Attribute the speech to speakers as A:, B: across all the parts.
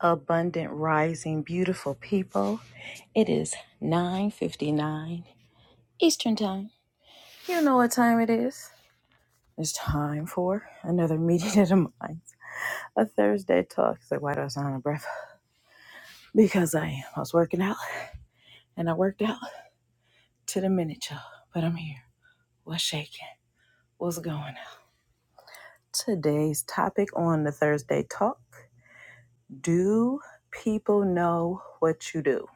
A: abundant rising beautiful people it is 9:59 eastern time you know what time it is it's time for another meeting of the minds a thursday talk so why do i sound out of breath because i am i was working out and i worked out to the minute y'all but i'm here what's shaking what's going on today's topic on the thursday talk do people know what you do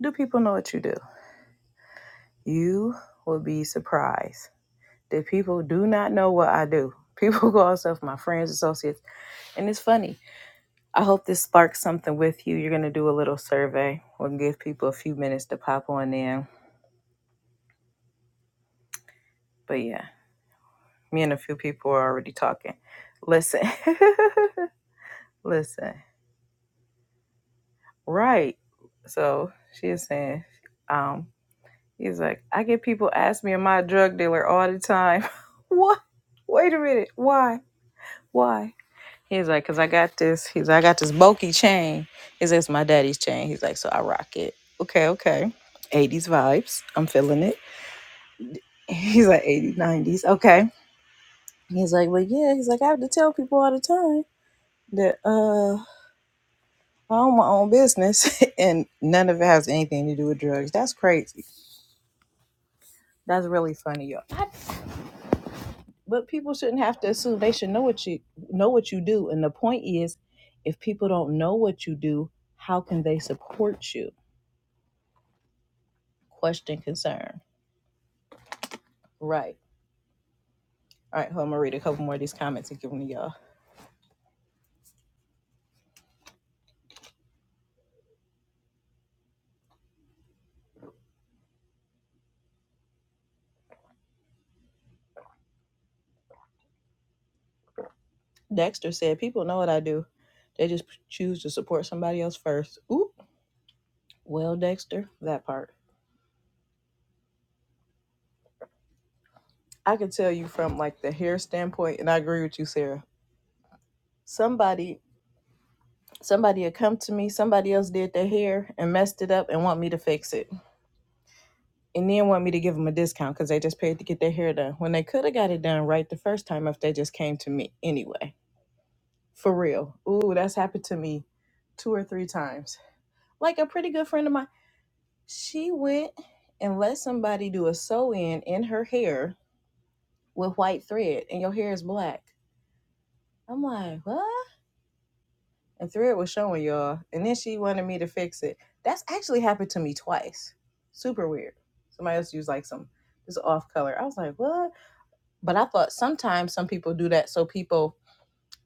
A: do people know what you do you will be surprised that people do not know what I do. People go off of my friends, associates, and it's funny. I hope this sparks something with you. You're gonna do a little survey. We'll give people a few minutes to pop on in. But yeah, me and a few people are already talking. Listen, listen. Right. So she is saying, um, he's like, I get people ask me, am I a drug dealer all the time? what? Wait a minute. Why? Why? He's like, cause I got this. He's like, I got this bulky chain. He's like, it's my daddy's chain. He's like, so I rock it. Okay, okay. 80s vibes. I'm feeling it. He's like 80s, 90s. Okay. He's like, well, yeah, he's like, I have to tell people all the time that uh I own my own business and none of it has anything to do with drugs. That's crazy. That's really funny, y'all. I- but people shouldn't have to assume they should know what you know what you do. And the point is, if people don't know what you do, how can they support you? question concern. Right. All right, well, I'm gonna read a couple more of these comments and give them to y'all. Dexter said, People know what I do. They just choose to support somebody else first. Oop. Well, Dexter, that part. I can tell you from like the hair standpoint, and I agree with you, Sarah. Somebody somebody had come to me, somebody else did their hair and messed it up and want me to fix it. And then want me to give them a discount because they just paid to get their hair done. When they could have got it done right the first time if they just came to me anyway. For real. Ooh, that's happened to me two or three times. Like a pretty good friend of mine, she went and let somebody do a sew in in her hair with white thread, and your hair is black. I'm like, what? And thread was showing y'all, and then she wanted me to fix it. That's actually happened to me twice. Super weird. Somebody else used like some this off color. I was like, what? But I thought sometimes some people do that so people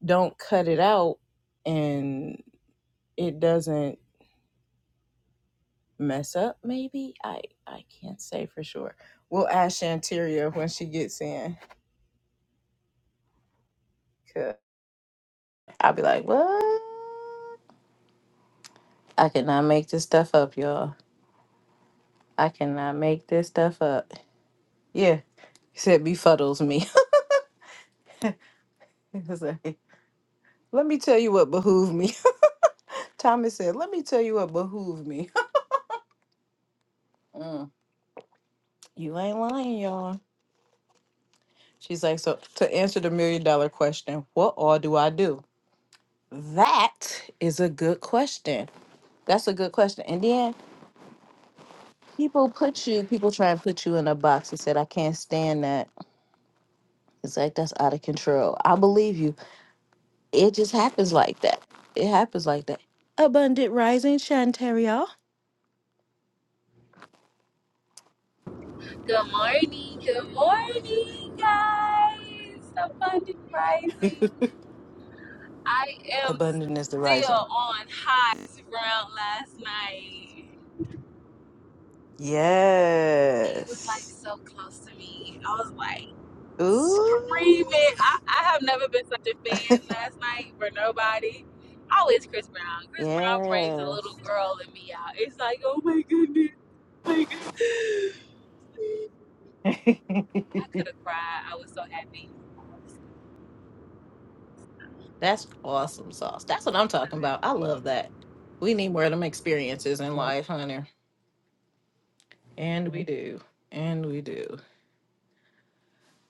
A: don't cut it out and it doesn't. mess up, maybe. I I can't say for sure. We'll ask Shanteria when she gets in. Cause I'll be like, what? I cannot make this stuff up, y'all. I cannot make this stuff up. Yeah, he said befuddles me. He was like, let me tell you what behooved me. Thomas said, let me tell you what behooved me. Mm, you ain't lying, y'all. She's like, so to answer the million dollar question, what all do I do? That is a good question. That's a good question. And then People put you, people try and put you in a box and said, I can't stand that. It's like, that's out of control. I believe you. It just happens like that. It happens like that. Abundant rising, Shantaria.
B: Good morning, good morning, guys. Abundant rising. I am
A: Abundant is the rising.
B: still on high ground last night. He was like
A: Yes.
B: so close to me. I was like
A: Ooh.
B: screaming. I, I have never been such a fan last night for nobody. Always Chris Brown. Chris Brown brings a
A: Yes.
B: little girl in me out. It's like, oh my goodness. I could have cried. I was so happy.
A: That's awesome sauce. That's what I'm talking about. I love that. We need more of them experiences in life, honey. And we do. And we do.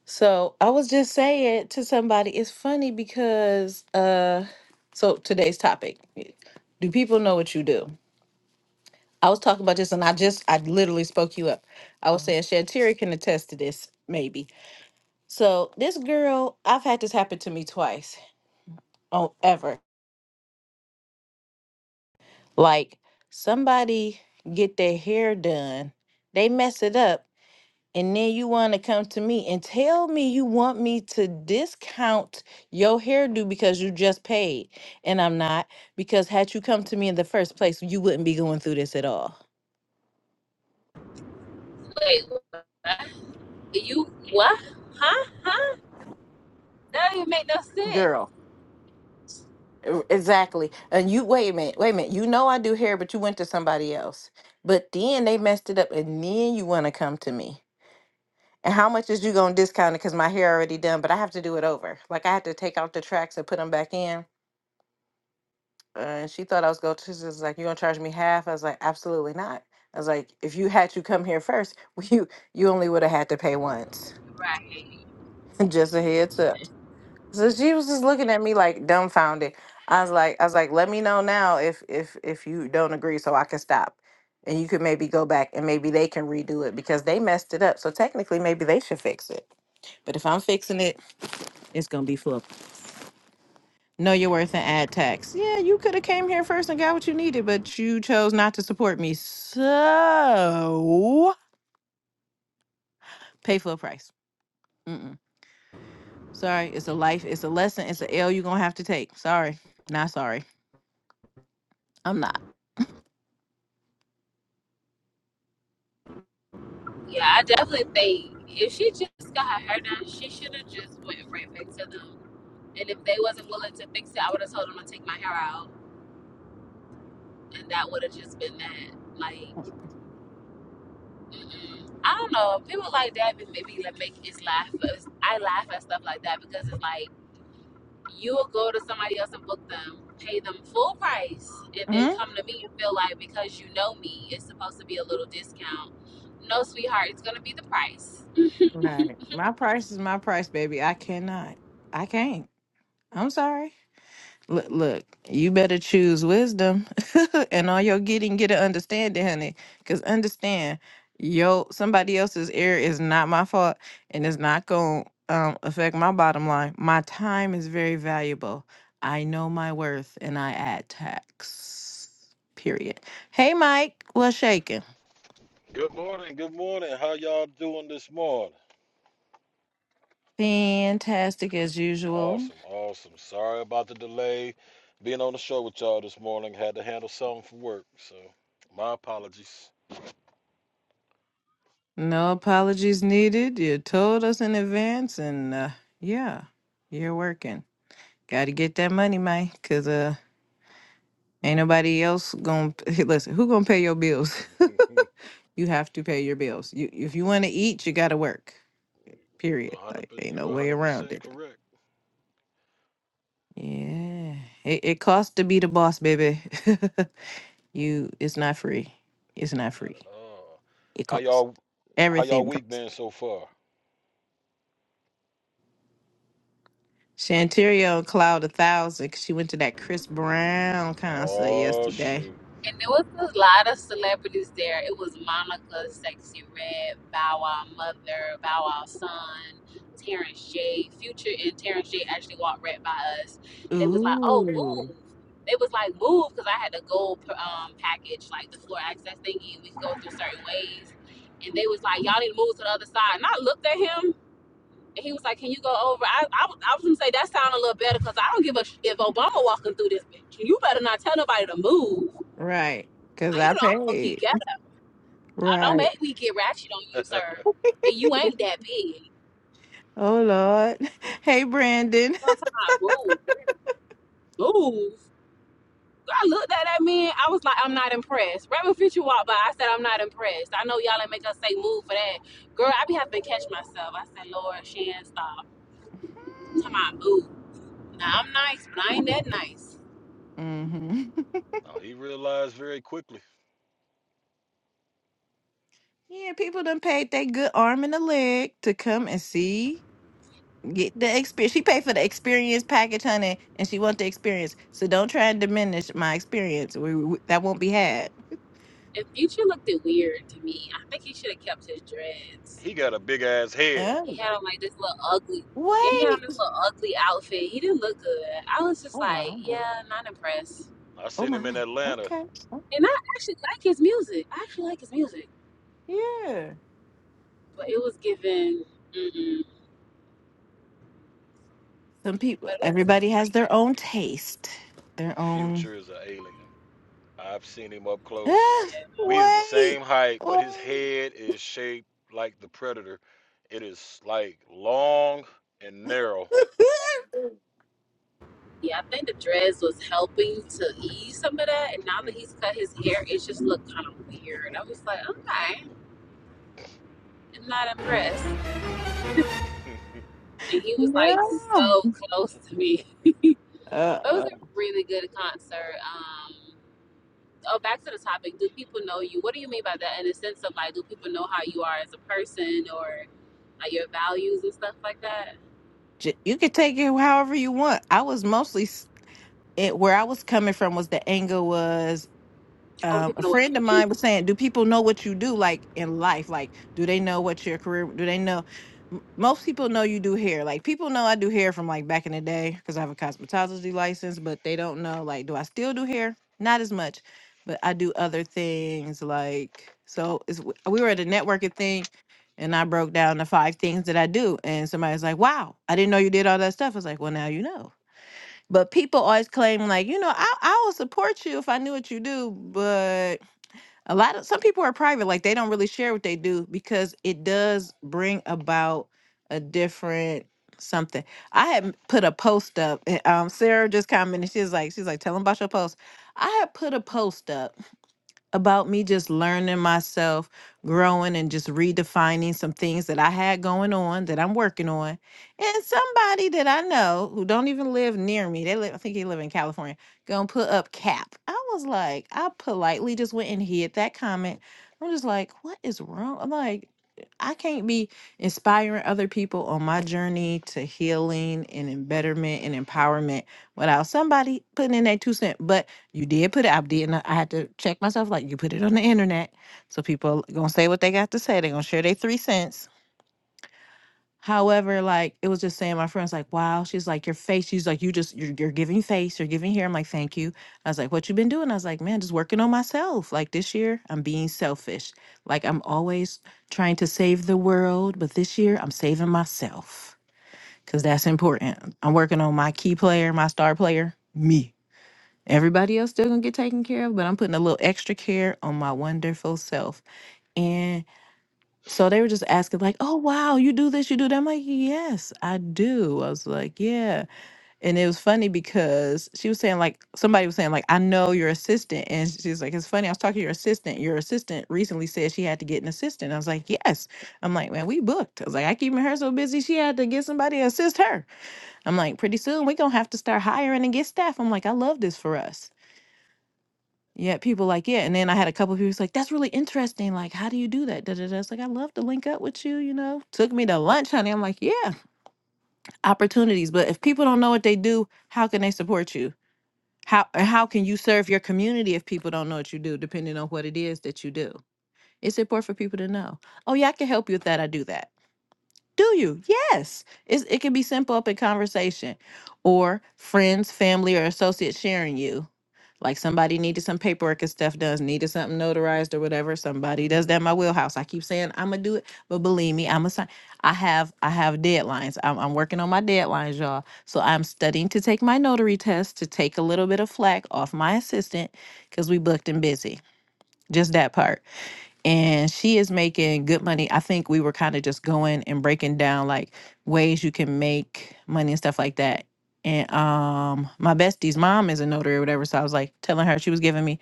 A: So I was just saying to somebody, it's funny because uh so today's topic. Do people know what you do? I was talking about this and I just I literally spoke you up. I was saying Shantira can attest to this, maybe. So this girl, I've had this happen to me twice on ever. Like somebody get their hair done, they mess it up And then you want to come to me and tell me you want me to discount your hairdo because you just paid. And I'm not, because had you come to me in the first place, you wouldn't be going through this at all.
B: Wait, what? You what? Huh? Huh? That don't even make no sense.
A: Girl, e- exactly. And you, wait a minute, wait a minute. You know I do hair, but you went to somebody else. But then they messed it up, and then you want to come to me. And how much is you going to discount it because my hair already done, but I have to do it over? Like I have to take out the tracks and put them back in. Uh, and she thought I was going. to, She's just like, "You gonna charge me half?" I was like, "Absolutely not." I was like, "If you had to come here first, you you only would have had to pay once."
B: Right.
A: just a heads up. So she was just looking at me like dumbfounded. I was like, "I was like, let me know now if if if you don't agree, so I can stop, and you could maybe go back and maybe they can redo it because they messed it up. So technically, maybe they should fix it. But if I'm fixing it, it's gonna be for Know your worth and add tax. Yeah, you could have came here first and got what you needed, but you chose not to support me. So pay full price. Mm-mm. Sorry, it's a life, it's a lesson, it's a L you're gonna have to take. Sorry, not sorry. I'm not.
B: Yeah, I definitely think if she just got her hair done, she should have just went right back to them. And if they wasn't willing to fix it, I would have told them to take my hair out, and that would have just been that. Like, mm-mm. I don't know. People like that, but maybe like make us laugh. But I laugh at stuff like that because it's like. you will go to somebody else and book them, pay them full price, and then
A: Mhm.
B: come to me and feel like because you know me, it's supposed to be a little discount. No, sweetheart, it's gonna be the price.
A: Right. My price is my price, baby. I cannot. I can't. I'm sorry. Look, look, you better choose wisdom and all your getting, get an understanding, honey. Because understand, yo, somebody else's error is not my fault and it's not going to um, affect my bottom line. My time is very valuable. I know my worth and I add tax. Period. Hey, Mike, what's shaking?
C: Good morning, good morning. How y'all doing this morning?
A: Fantastic as usual.
C: Awesome, awesome. Sorry about the delay being on the show with y'all this morning. Had to handle something for work, so my apologies.
A: No apologies needed. You told us in advance and uh, yeah, you're working. Gotta get that money, man, because uh, ain't nobody else gonna listen. Who gonna pay your bills?
C: you
A: you have to pay your bills. You if you want to eat, you gotta work. Period.
C: 100%,
A: Like ain't
C: you
A: no way around
C: 100%
A: it.
C: correct.
A: Yeah, it, it costs to be the boss, baby. you, it's not free. It's not
C: Not
A: free.
C: at all.
A: It
C: How
A: costs.
C: y'all how y'all
A: Everything
C: week
A: costs.
C: been so far?
A: Shanterio cloud a thousand. 'cause she went to that Chris Brown concert
C: Oh
A: yesterday.
C: shoot.
B: And there was a lot of celebrities there. It was Monica, Sexy Red, Bow Wow Mother, Bow Wow Son, Terrence J. Future and Terrence J actually walked right by us. They was like, oh,
A: Ooh,
B: move. They was like, move, because I had the gold um, package, like the floor access thingy, and we could go through certain ways. And they was like, y'all need to move to the other side. And I looked at him, and he was like, can you go over? I, I, was- I was going to say, that sounded a little better, because I don't give a sh- if Obama walking through this bitch. You better not tell nobody to move.
A: right. Cause
B: Now, you
A: I
B: know I'm gonna keep
A: paid.
B: ghetto. I don't
A: Right.
B: make me get ratchet on you, sir. And you ain't that big. You
A: Oh Lord. Hey Brandon.
B: know what I'm talking about? Move. Move. I looked at that man. I was like, I'm not impressed. Rabbit Fisher walked by. I said, I'm not impressed. I know y'all ain't make us say move for that. Girl, I be having to catch myself. I said, Lord, Shan, stop. Come on, move. Now, I'm nice, but I ain't that nice.
A: hmm
C: Now, he realized very quickly.
A: Yeah, people done paid their good arm and a leg to come and see, get the experience. She paid for the experience package, honey, and she want the experience. So don't try and diminish my experience. We, we- that won't be had.
B: And Future looked it weird to me. I think he should have kept his dreads.
C: He got a big ass head.
B: He
A: Oh,
B: had on like this little ugly. Yeah, he had on
A: wait.
B: this little ugly outfit. He didn't look good. I was just
A: Oh my.
B: like, yeah, not impressed.
C: I
A: Oh
C: seen him in
A: my.
C: Atlanta.
A: Okay. Oh,
B: And I actually like his music. I actually like his music,
A: Yeah.
B: but it was given. Mm-mm.
A: Some people.
B: But it was
A: Everybody has
B: great.
A: their own taste. Their own.
C: Future is an alien. I've seen him up close.
A: Ah,
B: Yeah,
C: We is the
A: wait.
C: same height, but his head is shaped like the predator. It is like long and narrow.
A: Wait.
B: yeah. I think the dreads was helping to ease some of that. And now that he's cut his hair, it just looked kind of weird. I was like, okay, I'm not impressed. And he was like
A: No.
B: so close to me.
A: Uh,
B: But it
A: uh,
B: was a really good concert. Um, oh, back to the topic. Do people know you? What do you mean by that? In the sense of like, do people know how you are as a person or like your values and stuff like that?
A: j- you could take it however you want. I was mostly s- it, where I was coming from was the anger was.
B: Or do
A: um,
B: people
A: a
B: know what
A: friend
B: you
A: of
B: do?
A: mine was saying, "Do people know what you do like in life? Like, do they know what your career? Do they know?" M- Most people know you do hair. Like, people know I do hair from like back in the day because I have a cosmetology license, but they don't know like, do I still do hair? Not as much, but I do other things like. So it's, w- we were at a networking thing, and I broke down the five things that I do, and somebody was like, "Wow, I didn't know you did all that stuff." I was like, "Well, now you know." But people always claim like, you know, I I will support you if I knew what you do, but a lot of some people are private, like they don't really share what they do because it does bring about a different something. I had m- put a post up, and um, Sarah just commented. She's like, she's like, tell them about your post. I had put a post up about me just learning myself, growing, and just redefining some things that I had going on that I'm working on. And somebody that I know who don't even live near me, they live, I think he live in California, gonna put up cap. I was like, I politely just went and hid that comment. I'm just like, what is wrong? I'm like, I can't be inspiring other people on my journey to healing and em- betterment and empowerment without somebody putting in their two cent. But you did put it. I did not. I had to check myself. Like you put it on the internet, so people gonna say what they got to say. They gonna share their three cents. However, like it was just saying, my friend's like, "Wow." She's like, "Your face." She's like, "You just you're, you're giving face. You're giving here." I'm like, "Thank you." I was like, "What you been doing?" I was like, "Man, just working on myself. Like this year, I'm being selfish. Like I'm always trying to save the world, but this year I'm saving myself because that's important. I'm working on my key player, my star player, me." Everybody else still gonna get taken care of, but I'm putting a little extra care on my wonderful self. And so they were just asking, like, oh wow, you do this, you do that. I'm like, yes, I do. I was like, yeah. And it was funny because she was saying, like, somebody was saying, like, I know your assistant. And she's like, it's funny, I was talking to your assistant. Your assistant recently said she had to get an assistant. I was like, yes. I'm like, man, we booked. I was like, I keeping her so busy, she had to get somebody to assist her. I'm like, pretty soon we gonna have to start hiring and get staff. I'm like, I love this for us. Yeah, people like, yeah. And then I had a couple of people was like, that's really interesting. Like, how do you do that? Da, da, da. It's like, I love to link up with you, you know. Took me to lunch, honey. I'm like, yeah, opportunities. But if people don't know what they do, how can they support you? How or how can you serve your community if people don't know what you do, depending on what it is that you do? It's important for people to know. Oh, yeah, I can help you with that. I do that. Do you? Yes. It's, it can be simple up in conversation or friends, family, or associates sharing you like somebody needed some paperwork and stuff does needed something notarized or whatever. Somebody does that in my wheelhouse. I keep saying I'm gonna do it, but believe me, I'm a sign. I have I have deadlines. I'm, I'm working on my deadlines, y'all. So I'm studying to take my notary test to take a little bit of flack off my assistant because we booked and busy. Just that part and she is making good money. I think we were kind of just going and breaking down like ways you can make money and stuff like that. And um my bestie's mom is a notary or whatever. So I was like telling her, she was giving me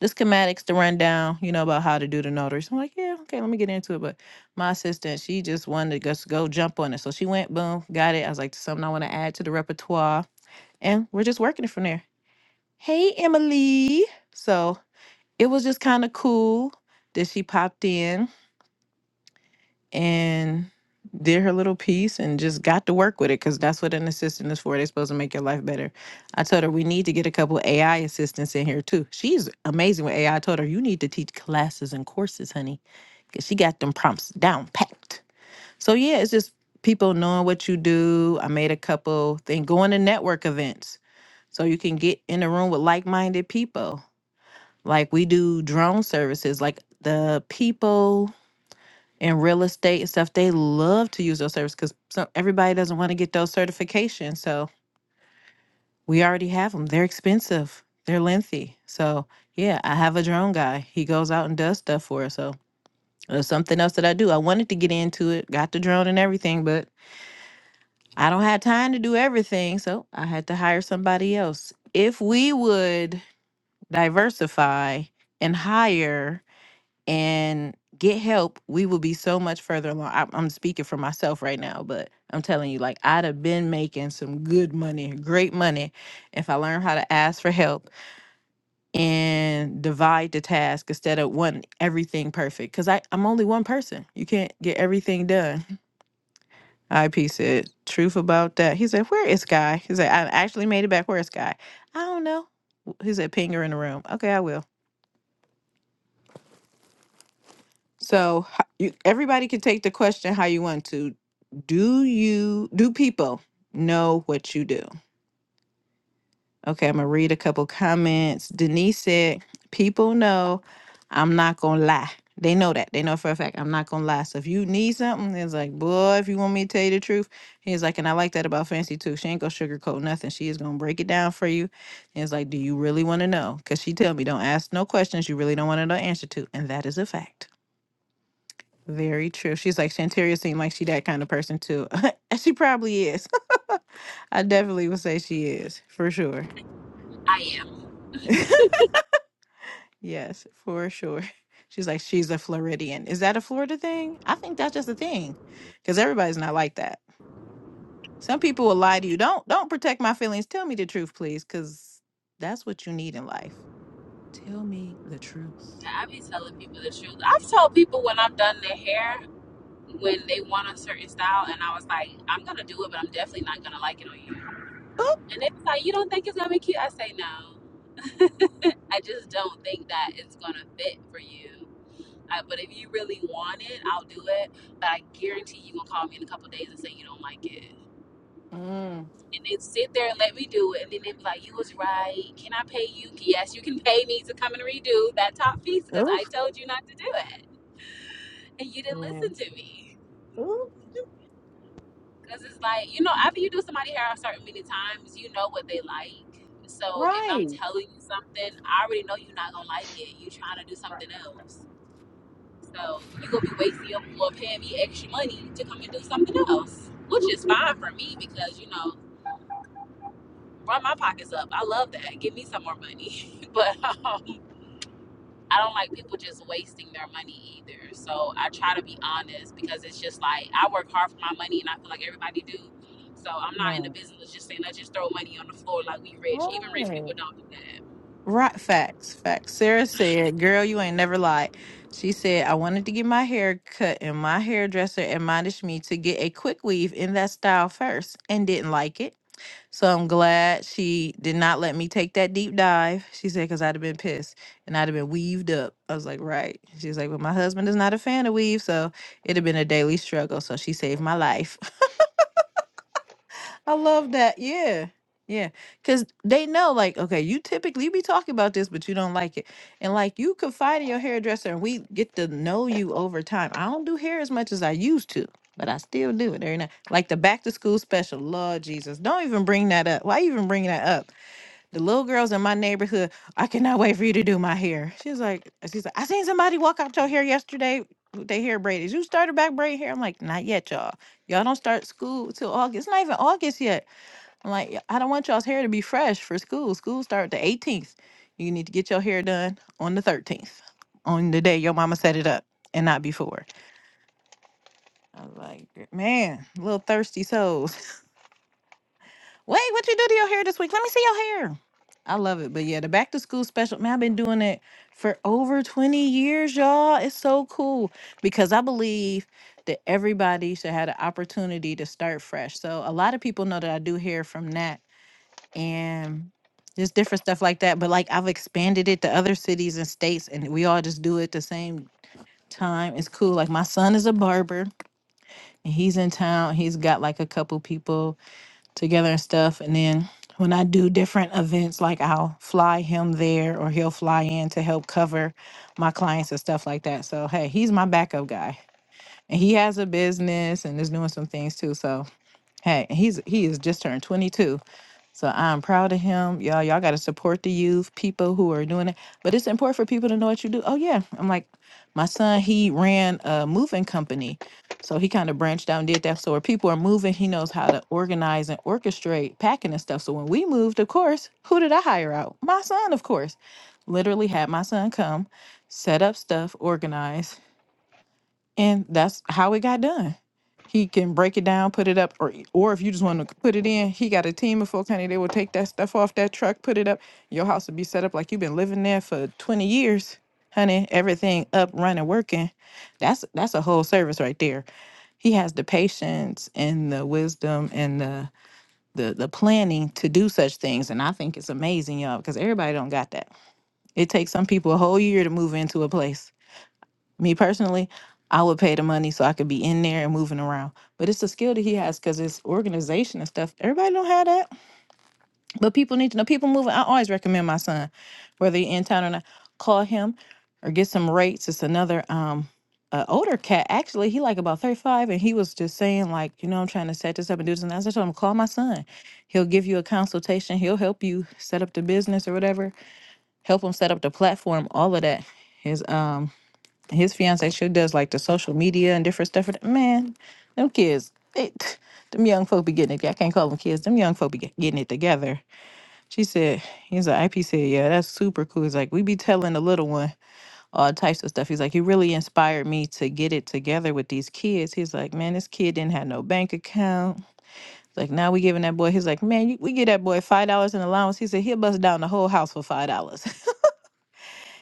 A: the schematics to run down, you know, about how to do the notary. So I'm like, yeah, okay, let me get into it. But my assistant, she just wanted to just go jump on it. So she went, boom, got it. I was like, something I want to add to the repertoire. And we're just working it from there. Hey, Emily. So it was just kind of cool that she popped in and did her little piece and just got to work with it because that's what an assistant is for. They're supposed to make your life better. I told her we need to get a couple AI assistants in here too. She's amazing with AI. I I told her you need to teach classes and courses, honey, because she got them prompts down packed. So yeah, it's just people knowing what you do. I made a couple thing going to network events so you can get in a room with like-minded people. Like we do drone services, like the people and real estate and stuff, they love to use those services because some everybody doesn't want to get those certifications. So we already have them. They're expensive. They're lengthy. So yeah, I have a drone guy. He goes out and does stuff for us. So there's something else that I do. I wanted to get into it, got the drone and everything, but I don't have time to do everything. So I had to hire somebody else. If we would diversify and hire and get help, we will be so much further along. I, I'm speaking for myself right now, but I'm telling you, like, I'd have been making some good money, great money, if I learned how to ask for help and divide the task instead of wanting everything perfect. Because I'm only one person. You can't get everything done. IP said, truth about that. He said, where is Guy? He said, I actually made it back. Where is Guy? I don't know. He said, ping her in the room. Okay, I will. So h- you, everybody can take the question how you want to. Do you do people know what you do? Okay, I'm gonna read a couple comments. Denise said, "People know. I'm not gonna lie. They know that. They know for a fact. I'm not gonna lie. So if you need something, it's like, boy, if you want me to tell you the truth, he's like, and I like that about Fancy too. She ain't gonna sugarcoat nothing. She is gonna break it down for you. And it's like, do you really want to know? Cause she tell me, don't ask no questions you really don't want to know the answer to, and that is a fact. Very true. She's like Shantaria seemed like she that kind of person too. and she probably is. I definitely would say she is, for sure.
B: I am.
A: yes, for sure. She's like, she's a Floridian. Is that a Florida thing? I think that's just a thing. Because everybody's not like that. Some people will lie to you. Don't don't protect my feelings. Tell me the truth, please, because that's what you need in life. Tell me the truth.
B: I be telling people the truth. I've told people when I've done their hair when they want a certain style, and I was like, I'm gonna do it, but I'm definitely not gonna like it on you.
A: Oop.
B: And they was like, you don't think it's gonna be cute? I say no. I just don't think that it's gonna fit for you. I, but if you really want it, I'll do it. But I guarantee you gonna call me in a couple of days and say you don't like it
A: Mm.
B: and they sit there and let me do it. And then they be like, "You was right. Can I pay you? Yes, you can pay me to come and redo that top piece because I
A: Oof.
B: told you not to do it, and you didn't
A: Yeah.
B: listen to me."
A: Ooh,
B: Because it's like you know, after you do somebody hair a certain many times, you know what they like. So if I'm
A: Right.
B: telling you something, I already know you're not gonna like it. You trying to do something else. So you gonna be wasting your or paying me extra money to come and do something else, which is fine for me because you know run my pockets up. I love that. Give me some more money. but Um, I don't like people just wasting their money either. So I try to be honest because it's just like I work hard for my money and I feel like everybody do. So I'm not in the
A: Right.
B: business of just saying let's just throw money on the floor like we rich. Even rich
A: Right.
B: people don't do that.
A: Right, facts, facts. Sarah said, "Girl, you ain't never lied." She said, "I wanted to get my hair cut, and my hairdresser admonished me to get a quick weave in that style first, and didn't like it. So I'm glad she did not let me take that deep dive." She said, "Cause I'd have been pissed, and I'd have been weaved up." I was like, "Right." She's like, "But my husband is not a fan of weave, so it'd have been a daily struggle." So she saved my life. I love that. Yeah. Yeah. Cause they know, like, okay, you typically be talking about this, but you don't like it. And like you confide in your hairdresser and we get to know you over time. I don't do hair as much as I used to, but I still do it every night. Like the back to school special. Lord Jesus. Don't even bring that up. Why even bring that up? The little girls in my neighborhood, I cannot wait for you to do my hair. She's like, she's like, I seen somebody walk out your hair yesterday. with They hair braided. You started back braid hair. I'm like, not yet, y'all. Y'all don't start school till August. It's not even August yet. I'm like, "Yeah, I don't want y'all's hair to be fresh for school. School start the 18th. You need to get your hair done on the 13th, on the day your mama set it up, and not before. I was like, "Gr- man, little thirsty souls. Wait, what you do to your hair this week? Let me see your hair. I love it. But yeah, the back to school special, man, I've been doing it for over 20 years, y'all. It's so cool because I believe that everybody should have the opportunity to start fresh. So a lot of people know that I do hair from Nat and just different stuff like that. But like I've expanded it to other cities and states, and we all just do it at the same time. It's cool. Like my son is a barber, and he's in town. He's got like a couple people together and stuff. And then when I do different events, like I'll fly him there, or he'll fly in to help cover my clients and stuff like that. So hey, he's my backup guy, and he has a business and is doing some things too. So Hey, he's he is just turned 22. So I'm proud of him. Y'all, y'all got to support the youth, people who are doing it. But it's important for people to know what you do. Oh yeah, I'm like my son, he ran a moving company. So he kind of branched out and did that. So where people are moving, he knows how to organize and orchestrate packing and stuff. So when we moved, of course, who did I hire out? My son, of course. Literally had my son come, set up stuff, organize, and that's how it got done. He can break it down, put it up, or or if you just want to put it in, he got a team of folks, honey. They will take that stuff off that truck, put it up. Your house will be set up like you've been living there for twenty years, honey. Everything up, running, working. That's that's a whole service right there. He has the patience and the wisdom and the the the planning to do such things, and I think it's amazing, y'all, because everybody don't got that. It takes some people a whole year to move into a place me personally, I would pay the money so I could be in there and moving around. But it's a skill that he has because it's organization and stuff. Everybody don't have that. But people need to know people moving. I always recommend my son, whether you're in town or not, call him or get some rates. It's another um uh, older cat actually he like about 35 and he was just saying like you know i'm trying to set this up and do this and that. So i told him call my son he'll give you a consultation he'll help you set up the business or whatever help him set up the platform all of that is um his fiance sure does like the social media and different stuff. Man, them kids, they, them young folk be getting it. I can't call them kids. Them young folk be get- getting it together. She said, he's like, IP said, yeah, that's super cool. He's like, we be telling the little one all types of stuff. He's like, he really inspired me to get it together with these kids. He's like, man, this kid didn't have no bank account. Like now we giving that boy. He's like, man, you- we give that boy five dollars in allowance. He said he'll bust down the whole house for five dollars.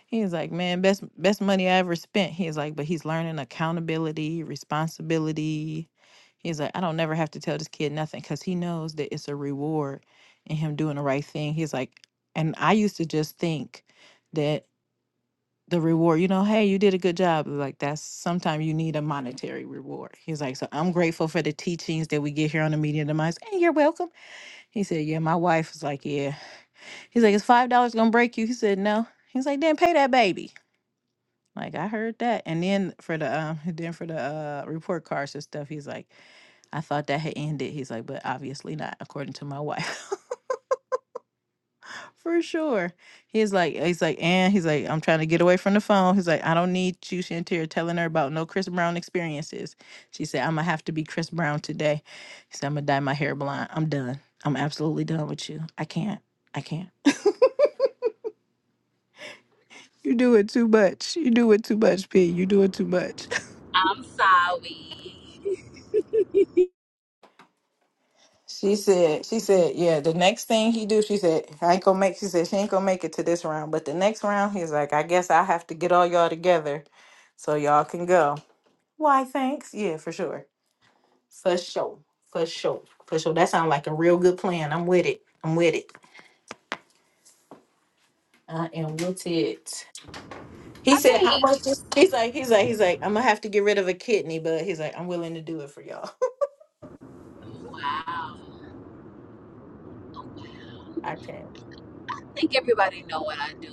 A: He's like, man, best best money I ever spent. He's like, but he's learning accountability, responsibility. He's like, I don't never have to tell this kid nothing because he knows that it's a reward in him doing the right thing. He's like, and I used to just think that the reward, you know, hey, you did a good job. Like that's sometimes you need a monetary reward. He's like, so I'm grateful for the teachings that we get here on the Media Demise. And you're welcome. He said, yeah, my wife was like, yeah. He's like, is five dollars gonna break you? He said, no. He's like, then pay that baby. Like I heard that, and then for the um, then for the uh report cards and stuff, he's like, I thought that had ended. He's like, but obviously not, according to my wife, for sure. He's like, he's like, and he's like, I'm trying to get away from the phone. He's like, I don't need you, Shantir, telling her about no Chris Brown experiences. She said, I'm gonna have to be Chris Brown today. He said, I'm gonna dye my hair blonde. I'm done. I'm absolutely done with you. I can't. I can't. You do it too much. You do it too much, P. You do it too much.
B: I'm sorry.
A: She said, she said, yeah, the next thing he do, she said, I ain't gonna make, she said, she ain't gonna make it to this round. But the next round, he's like, I guess I have to get all y'all together so y'all can go. Why, thanks. Yeah, for sure. For sure. For sure. For sure. That sounds like a real good plan. I'm with it. I'm with it. I am with it. He
B: I
A: said, how
B: think
A: much is, he's like, he's like, he's like, I'm gonna have to get rid of a kidney, but he's like, I'm willing to do it for y'all.
B: wow.
A: I can.
B: I think everybody know what I do.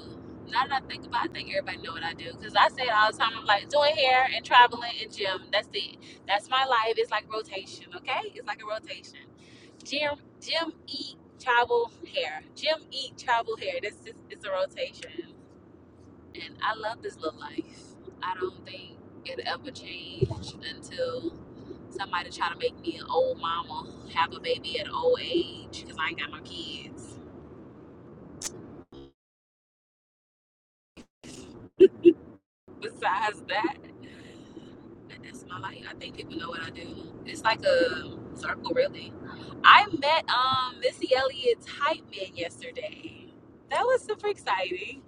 B: Now that I think about it, I think everybody know what I do. Because I say it all the time, I'm like doing hair and traveling and gym. That's it. That's my life. It's like rotation, okay? It's like a rotation. Jim Jim Eat Travel Hair. Jim Eat Travel Hair. This is it's a rotation, and I love this little life. I don't think it'll ever change until somebody try to make me an old mama have a baby at an old age because I ain't got no kids. Besides that, that's my life. I think people know what I do. It's like a circle, really. I met um Missy Elliott's hype man yesterday. That was super exciting.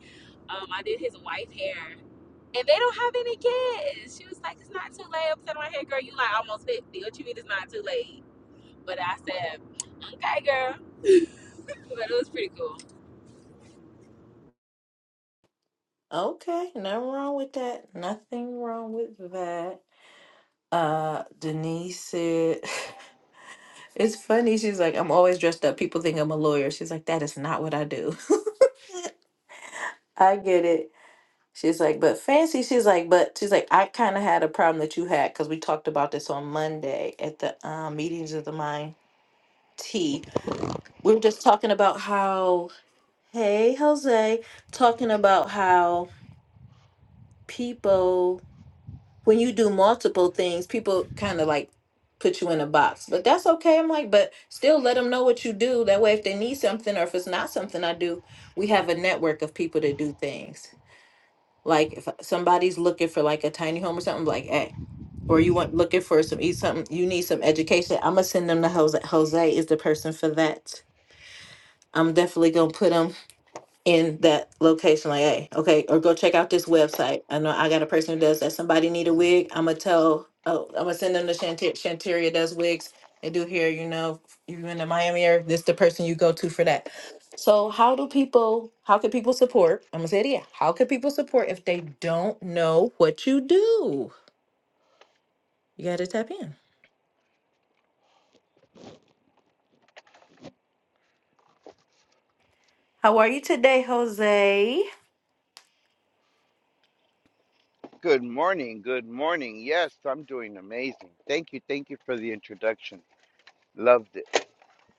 B: Um, I did his wife hair And they don't have any kids. She was like, it's not too late. I'm sitting right here, girl. You like almost 50. What you mean it's not too late? But I said, okay, girl. But it was pretty cool.
A: Okay, nothing wrong with that. Nothing wrong with that. Uh, Denise said, it's funny. She's like, I'm always dressed up. People think I'm a lawyer. She's like, that is not what I do. I get it. She's like, but fancy. She's like, but she's like, I kind of had a problem that you had because we talked about this on Monday at the um, meetings of the mind tea. We were just talking about how, hey, Jose, talking about how people when you do multiple things, people kind of like put you in a box. But that's okay. I'm like, but still let them know what you do. That way, if they need something or if it's not something I do, we have a network of people to do things. Like if uh, somebody's looking for like a tiny home or something, like hey, or you want looking for some eat something, you need some education. I'm gonna send them to Jose. Jose is the person for that. I'm definitely gonna put them in that location like hey okay or go check out this website i know i got a person who does that somebody need a wig i'm gonna tell oh i'm gonna send them to Shante- shanteria does wigs they do here you know you in the miami area this the person you go to for that so how do people how can people support i'm gonna say it yeah how can people support if they don't know what you do you gotta tap in how are you today jose
D: Good morning. Good morning. Yes, I'm doing amazing. Thank you. Thank you for the introduction. Loved it.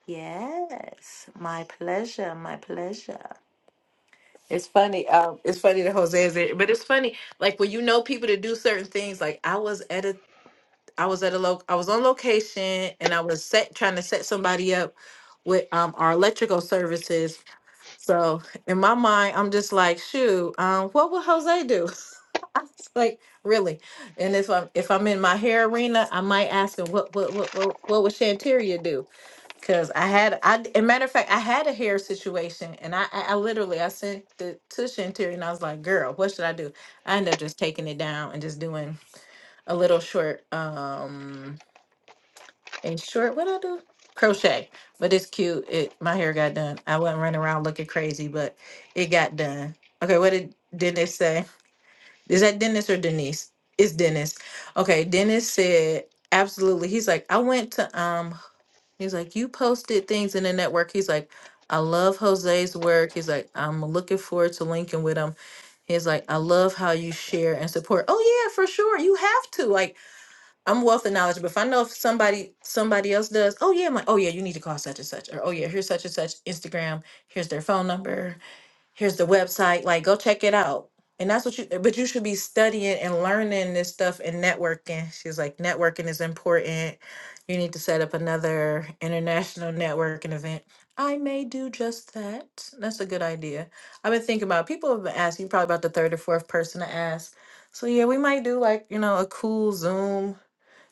A: yes my pleasure my pleasure It's funny. Um, it's funny that Jose is there, but it's funny. Like when you know people to do certain things. Like I was at a, I was at a loc, I was on location, and I was set trying to set somebody up with um our electrical services. So in my mind, I'm just like, shoot, um, what would Jose do? I was like, really? And if I'm if I'm in my hair arena, I might ask him, what what what what, what would Shanteria do? Cause I had I a matter of fact I had a hair situation and I I, I literally I sent the to Shantiri and I was like, girl, what should I do? I ended up just taking it down and just doing a little short um a short what I do? Crochet. But it's cute. It my hair got done. I wasn't running around looking crazy, but it got done. Okay, what did Dennis say? Is that Dennis or Denise? It's Dennis. Okay, Dennis said absolutely. He's like, I went to um He's like, you posted things in the network. He's like, I love Jose's work. He's like, I'm looking forward to linking with him. He's like, I love how you share and support. Oh yeah, for sure. You have to. Like, I'm wealth of knowledge, but if I know if somebody somebody else does, oh yeah, I'm like, oh yeah, you need to call such and such. Or oh yeah, here's such and such Instagram. Here's their phone number here's the website like go check it out and that's what you but you should be studying and learning this stuff and networking she's like networking is important you need to set up another international networking event i may do just that that's a good idea i've been thinking about people have been asking probably about the third or fourth person to ask so yeah we might do like you know a cool zoom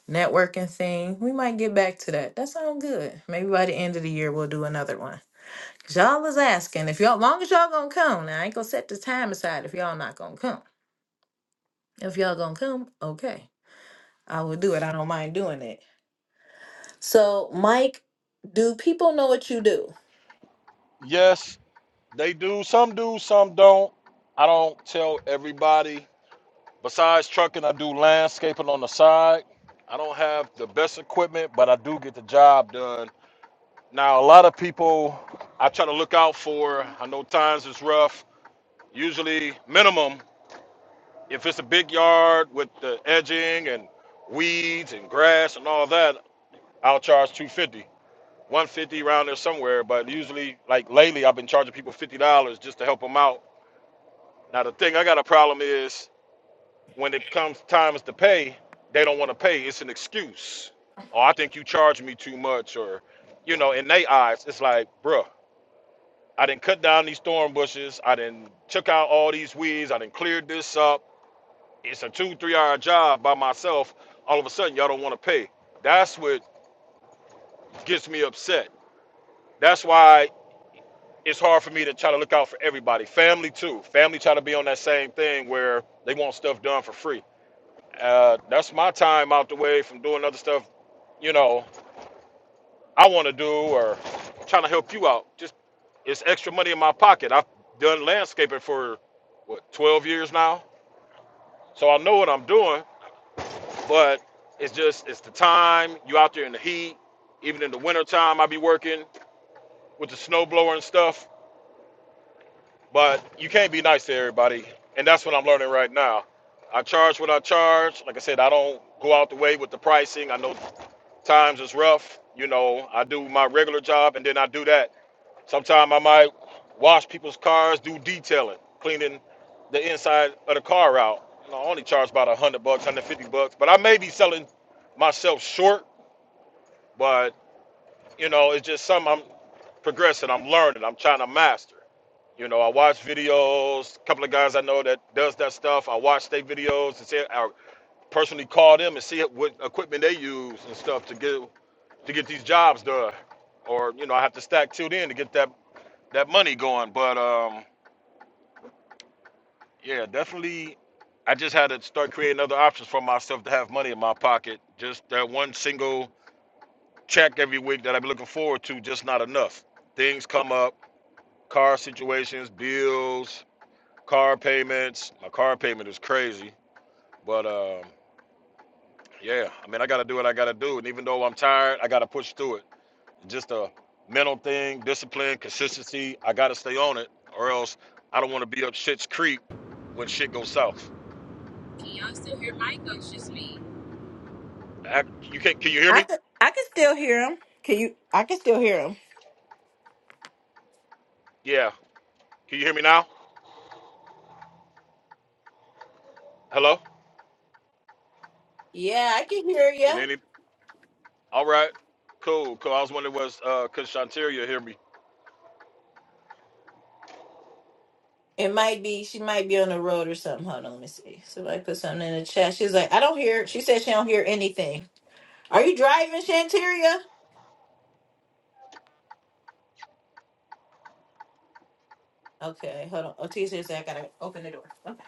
A: networking thing we might get back to that that sounds good maybe by the end of the year we'll do another one you y'all is asking if y'all, long as y'all gonna come. Now I ain't gonna set the time aside if y'all not gonna come. If y'all gonna come, okay, I will do it. I don't mind doing it. So, Mike, do people know what you do?
C: yes, they do. Some do, some don't. I don't tell everybody. Besides trucking, I do landscaping on the side. I don't have the best equipment, but I do get the job done. Now, a lot of people I try to look out for, I know times is rough. Usually, minimum If it's a big yard with the edging and weeds and grass and all that, I'll charge 250 150 around there somewhere, but usually, like lately, I've been charging people $50 just to help them out. Now, the thing I got a problem is when it comes times to pay, they don't want to pay. It's an excuse. Oh, I think you charge me too much, or, you know, in their eyes, it's like, bruh, I didn't cut down these thorn bushes. I didn't took out all these weeds. I didn't cleared this up it's a two, three hour job by myself. All of a sudden, y'all don't want to pay. That's what gets me upset. That's why it's hard for me to try to look out for everybody. Family, too. Family try to be on that same thing where they want stuff done for free. Uh, that's my time out the way from doing other stuff, you know, I want to do or trying to help you out. Just it's extra money in my pocket. I've done landscaping for what 12 years now, so I know what I'm doing. But it's just it's the time. You out there in the heat. Even in the wintertime, I be working with the snowblower and stuff. But you can't be nice to everybody, and that's what I'm learning right now. I charge what I charge. Like I said, I don't go out the way with the pricing. I know times is rough. You know, I do my regular job, and then I do that. Sometimes I might wash people's cars, do detailing, cleaning the inside of the car out. You I only charge about a hundred bucks, a hundred fifty bucks, but I may be selling myself short But you know, it's just something I'm progressing. I'm learning. I'm trying to master. You know, I watch videos. A couple of guys I know that does that stuff. I watch their videos and see. I personally call them and see what equipment they use and stuff to get to get these jobs done. Or you know, I have to stack till then to get that that money going. But um, yeah, definitely. I just had to start creating other options for myself to have money in my pocket. Just that one single check every week that I've been looking forward to, just not enough. Things come up car situations, bills, car payments. My car payment is crazy, but um, yeah, I mean, I got to do what I got to do, and even though I'm tired, I got to push through it. Just a mental thing, discipline, consistency. I got to stay on it, or else I don't want to be up shit's creek when shit goes south.
B: Can y'all still hear Mike? Or it's just me?
C: I, you can Can you hear
A: I
C: me?
A: can, I can still hear him. Can you? I can still hear him.
C: Yeah. Can you hear me now? Hello.
A: Yeah, I can hear
C: Can
A: you.
C: any? All right. Cool. Cool. I was wondering was uh, could Shanteria hear me?
A: It might be she might be on the road or something. Hold on, let me see. Somebody put something in the chat. She's like, I don't hear. She said she don't hear anything. Are you driving, Shanteria? Okay, hold on. Otis says I gotta open the door. Okay.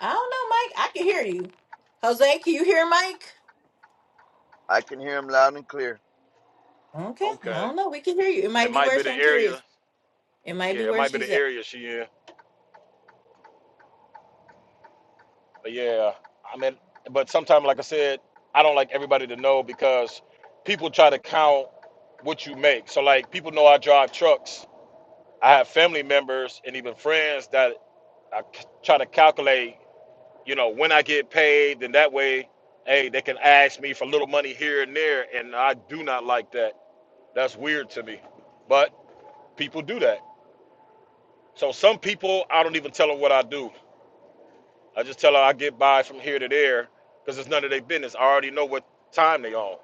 A: I don't know, Mike. I can hear you. Jose, can you hear Mike?
D: I can hear him loud and clear.
A: Okay. I
C: Okay.
A: don't know. We can hear you. It
C: It
A: might be
C: might
A: where
C: be the
A: Shantiri
C: area.
A: is. It might
C: Yeah,
A: be
C: it
A: where
C: might be
A: she's
C: the
A: at.
C: area she in. Yeah, I mean, but sometimes, like I said, I don't like everybody to know because people try to count what you make. So, like, people know I drive trucks. I have family members and even friends that I c- try to calculate, you know, when I get paid, then that way, hey, they can ask me for little money here and there, and I do not like that. That's weird to me, but people do that. So some people, I don't even tell them what I do. I just tell her I get by from here to there because it's none of their business. I already know what time they on.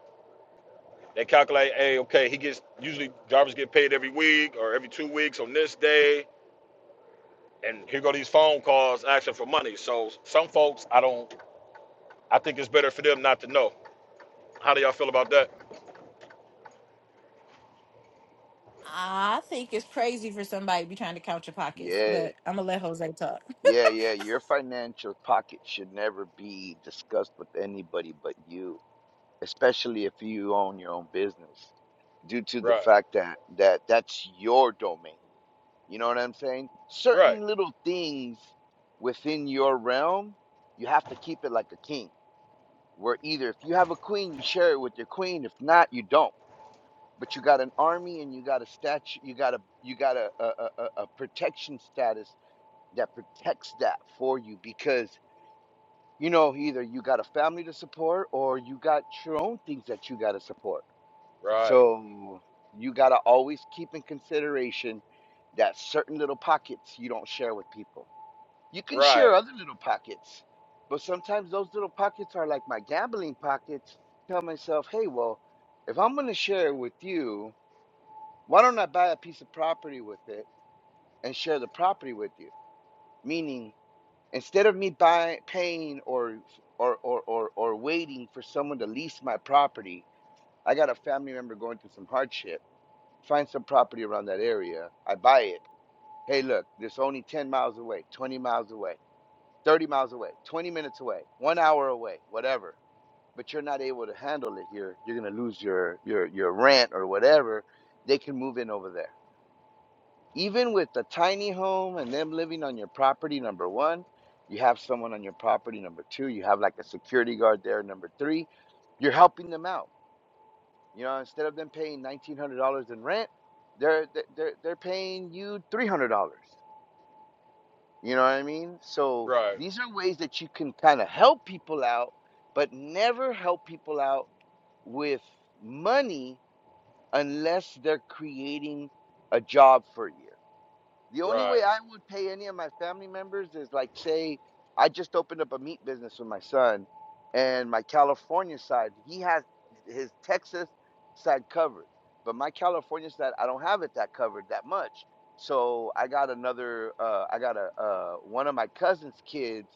C: They calculate, hey, okay, he gets usually drivers get paid every week or every two weeks on this day, and here go these phone calls asking for money. So some folks, I don't, I think it's better for them not to know. How do y'all feel about that?
A: I think it's crazy for somebody to be trying to count your pockets,
D: Yeah.
A: but I'm gonna let Jose talk.
D: Yeah, yeah. Your financial pocket should never be discussed with anybody but you, especially if you own your own business, due to the
C: Right,
D: fact that that that's your domain. You know what I'm saying?
C: right,
D: Certain little things within your realm, you have to keep it like a king where either if you have a queen, you share it with your queen. If not, you don't. But you got an army and you got a statue, you got a you got a a, a, a a protection status that protects that for you because you know either you got a family to support or you got your own things that you got to support.
C: right,
D: So you got to always keep in consideration that certain little pockets you don't share with people you can share
C: right,
D: other little pockets, but sometimes those little pockets are like my gambling pockets. Tell myself, hey, well, if I'm going to share with you, why don't I buy a piece of property with it and share the property with you? Meaning, instead of me buying, paying, or or or or or waiting for someone to lease my property, I got a family member going through some hardship. Find some property around that area. I buy it. Hey, look, it's only 10 miles away, 20 miles away. 30 miles away, 20 minutes away, one hour away, whatever. But you're not able to handle it here. You're gonna lose your your your rent or whatever. They can move in over there. Even with the tiny home and them living on your property, number one, you have someone on your property, number two, you have like a security guard there, number three, you're helping them out. You know, instead of them paying nineteen hundred dollars in rent, they're they're they're paying you three hundred dollars. You know what I mean? So
C: right,
D: these are ways that you can kind of help people out, but never help people out with money unless they're creating a job for you. The only
C: right,
D: way I would pay any of my family members is like, say, I just opened up a meat business with my son, and my California side, he has his Texas side covered, but my California side, I don't have it that covered that much. So I got another, uh, I got a uh, one of my cousin's kids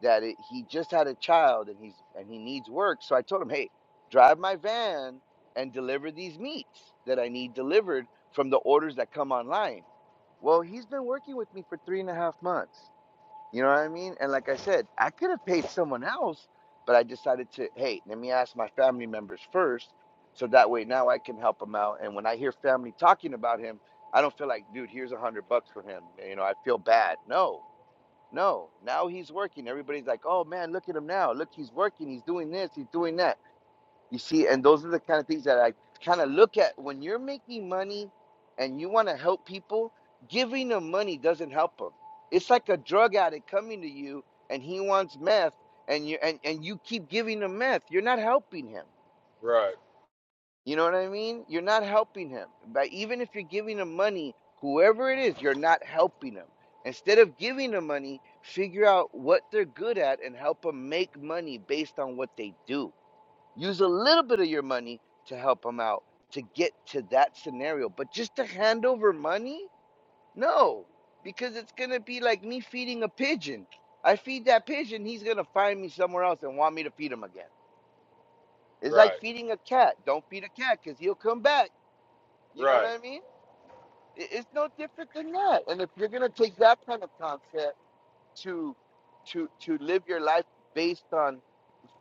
D: that it, he just had a child and he's and he needs work. So I told him, hey, drive my van and deliver these meats that I need delivered from the orders that come online well, he's been working with me for three and a half months. You know what I mean? And like I said, I could have paid someone else, but I decided to, hey, let me ask my family members first. So that way now I can help him out. And when I hear family talking about him, I don't feel like, dude, here's a hundred bucks for him. You know, I feel bad. No, no. Now he's working. Everybody's like, oh man, look at him now. Look, he's working. He's doing this. He's doing that. You see, and those are the kind of things that I kind of look at when you're making money and you want to help people, giving them money doesn't help them. It's like a drug addict coming to you and he wants meth and you and, and you keep giving him meth. You're not helping him.
C: right,
D: You know what I mean? You're not helping him. But even if you're giving him money, whoever it is, you're not helping him. Instead of giving them money, figure out what they're good at and help them make money based on what they do Use a little bit of your money to help them out to get to that scenario. But just to hand over money? No, because it's going to be like me feeding a pigeon. I feed that pigeon, he's going to find me somewhere else and want me to feed him again. It's like
C: right,
D: feeding a cat. Don't feed a cat because he'll come back. You know what
C: right,
D: I mean? I- It's no different than that. And if you're going to take that kind of concept to to to live your life based on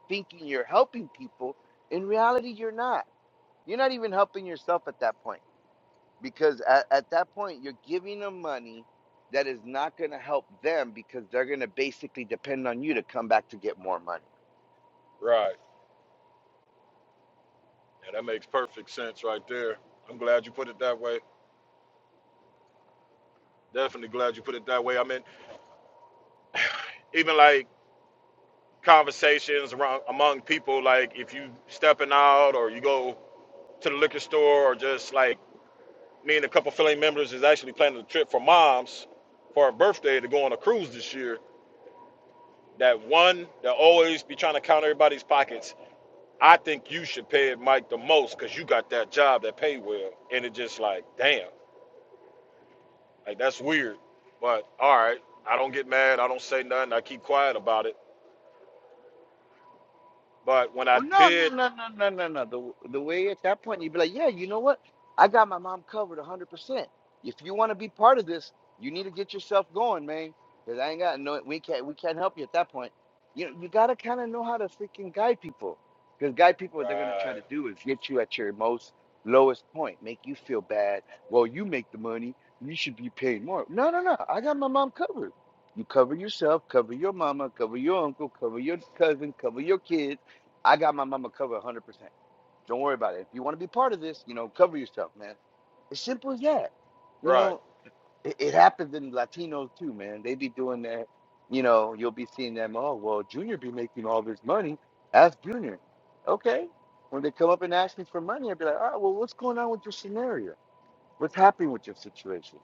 D: thinking you're helping people, in reality you're not You're not even helping yourself at that point because at, at that point, you're giving them money that is not going to help them because they're going to basically depend on you to come back to get more money.
C: right. Yeah, that makes perfect sense right there. I'm glad you put it that way. Definitely glad you put it that way. I mean, even like conversations around among people like if you stepping out or you go to the liquor store or just like me and a couple of family members is actually planning a trip for mom's for her birthday to go on a cruise this year that one that always be trying to count everybody's pockets i think you should pay it mike the most because you got that job that pay well and it just like damn like that's weird but all right i don't get mad i don't say nothing i keep quiet about it but when i
D: Well, no, no,
C: did
D: no, no, no, no, no. The the way at that point you'd be like, yeah, you know what? I got my mom covered 100%. If you want to be part of this, you need to get yourself going, man. Because I ain't got no, we can't, we can't help you at that point. You you gotta kind of know how to freaking guide people. Because guide people, what they're gonna try
C: right
D: to do is get you at your most lowest point, make you feel bad. Well, you make the money, you should be paid more. No, no, no. I got my mom covered. You cover yourself, cover your mama, cover your uncle, cover your cousin, cover your kids I got my mama covered 100%. Don't worry about it. If you want to be part of this, you know, cover yourself, man. It's simple as that. You
C: right
D: know, it, it happens in Latinos too, man. They be doing that. You know, you'll be seeing them. Oh, well, Junior be making all this money. Ask Junior. Okay. When they come up and ask me for money, I'd be like, all right, well, what's going on with your scenario? What's happening with your situation?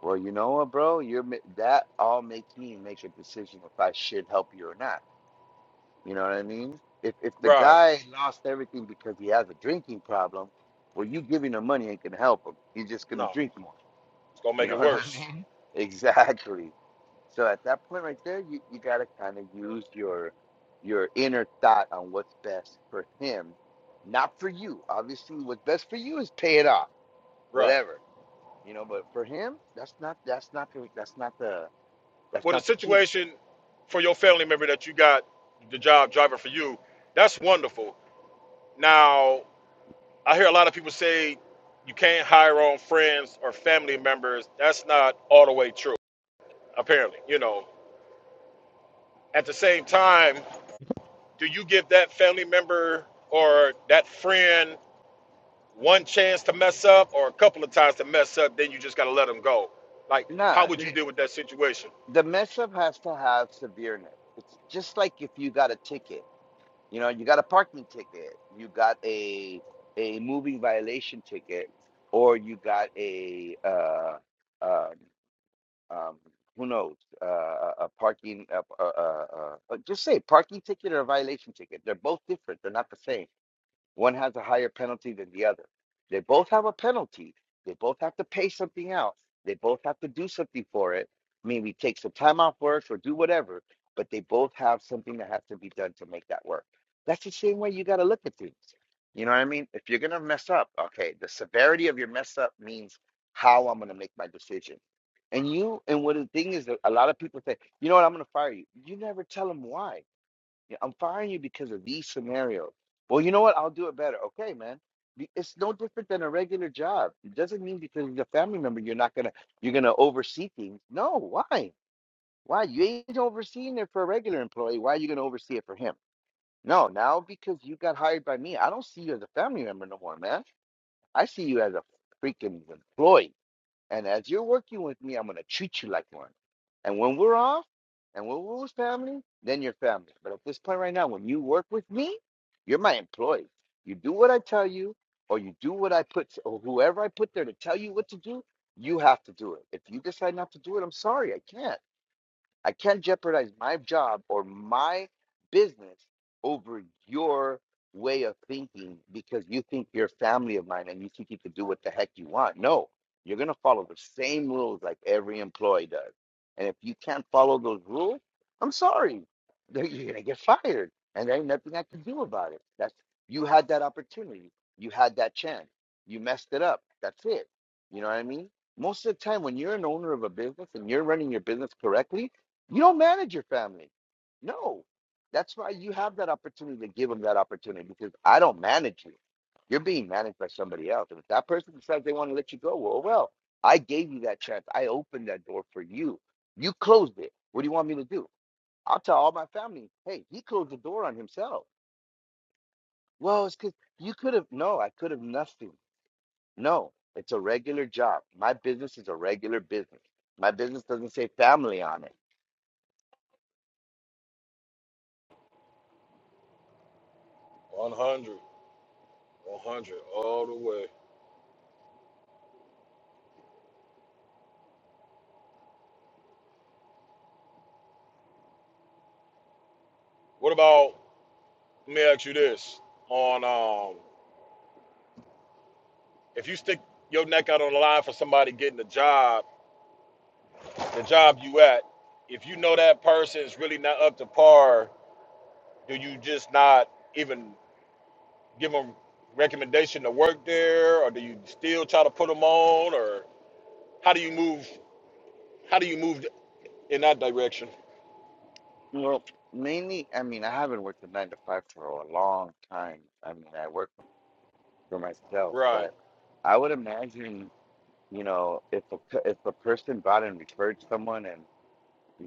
D: Well, you know what, bro? You're ma- that all makes me make a decision if I should help you or not. You know what I mean? If if the
C: right
D: guy lost everything because he has a drinking problem, well, you giving him money ain't gonna help him. He's just gonna
C: no
D: drink more.
C: It's gonna
D: You
C: make
D: know
C: it
D: what I
C: worse.
D: mean? Exactly. So at that point right there, you, you gotta kind of use your your inner thought on what's best for him, not for you. Obviously, what's best for you is pay it off,
C: Right.
D: whatever. You know, but for him, that's not that's not the that's not the that's
C: Well, the
D: not the key.
C: situation for your family member that you got the job driving for you, that's wonderful. Now, I hear a lot of people say you can't hire on friends or family members. That's not all the way true, apparently. You know. At the same time, do you give that family member or that friend one chance to mess up or a couple of times to mess up, then you just gotta let them go? Like, how
D: Nah,
C: would you deal with that situation?
D: the mess up has to have severeness. It's just like if you got a ticket, you know, you got a parking ticket, you got a a moving violation ticket, or you got a uh, um, um, who knows uh, a a parking uh, uh, uh, uh, uh, just say parking ticket or a violation ticket. They're both different. They're not the same. One has a higher penalty than the other. They both have a penalty. They both have to pay something out. They both have to do something for it. Maybe take some time off work or do whatever, but they both have something that has to be done to make that work. That's the same way you got to look at things. You know what I mean? If you're going to mess up, okay, the severity of your mess up means how I'm going to make my decision. And you, and what the thing is that a lot of people say, you know what, I'm going to fire you. You never tell them why. Yeah, I'm firing you because of these scenarios. Well, you know what? I'll do it better. Okay, man. Be- It's no different than a regular job. It doesn't mean because you're a family member you're not gonna you're gonna oversee things. No, why? Why? You ain't overseeing it for a regular employee. Why are you gonna oversee it for him? No, now because you got hired by me, I don't see you as a family member no more, man. I see you as a freaking employee. And as you're working with me, I'm going to treat you like one. And when we're off and when we're with family, then you're family. But at this point right now, when you work with me, you're my employee. You do what I tell you, or you do what I put, or whoever I put there to tell you what to do, you have to do it. If you decide not to do it, I'm sorry, I can't. I can't jeopardize my job or my business over your way of thinking because you think you're family of mine and you think you can do what the heck you want. No, you're going to follow the same rules like every employee does. And if you can't follow those rules, I'm sorry, you're going to get fired. And there ain't nothing I can do about it. That's you had that opportunity. You had that chance. You messed it up. That's it. You know what I mean? Most of the time, when you're an owner of a business and you're running your business correctly, you don't manage your family. No. That's why you have that opportunity to give them that opportunity because I don't manage you. You're being managed by somebody else. And if that person decides they want to let you go, well, well, I gave you that chance. I opened that door for you. You closed it. What do you want me to do? I'll tell all my family, hey, he closed the door on himself. Well, it's because you could have, no, I could have nothing. No, it's a regular job. My business is a regular business. My business doesn't say family on it.
C: 100, 100, all the way. What about let me ask you this on um if you stick your neck out on the line for somebody getting a job, the job you at, if you know that person is really not up to par, do you just not even give them recommendation to work there, or do you still try to put them on, or how do you move? How do you move in that direction?
D: Well, mainly, I mean, I haven't worked a nine to five for a long time. I mean, I work for for myself,
C: Right,
D: but I would imagine, you know, if a pe- if a person brought and referred someone, and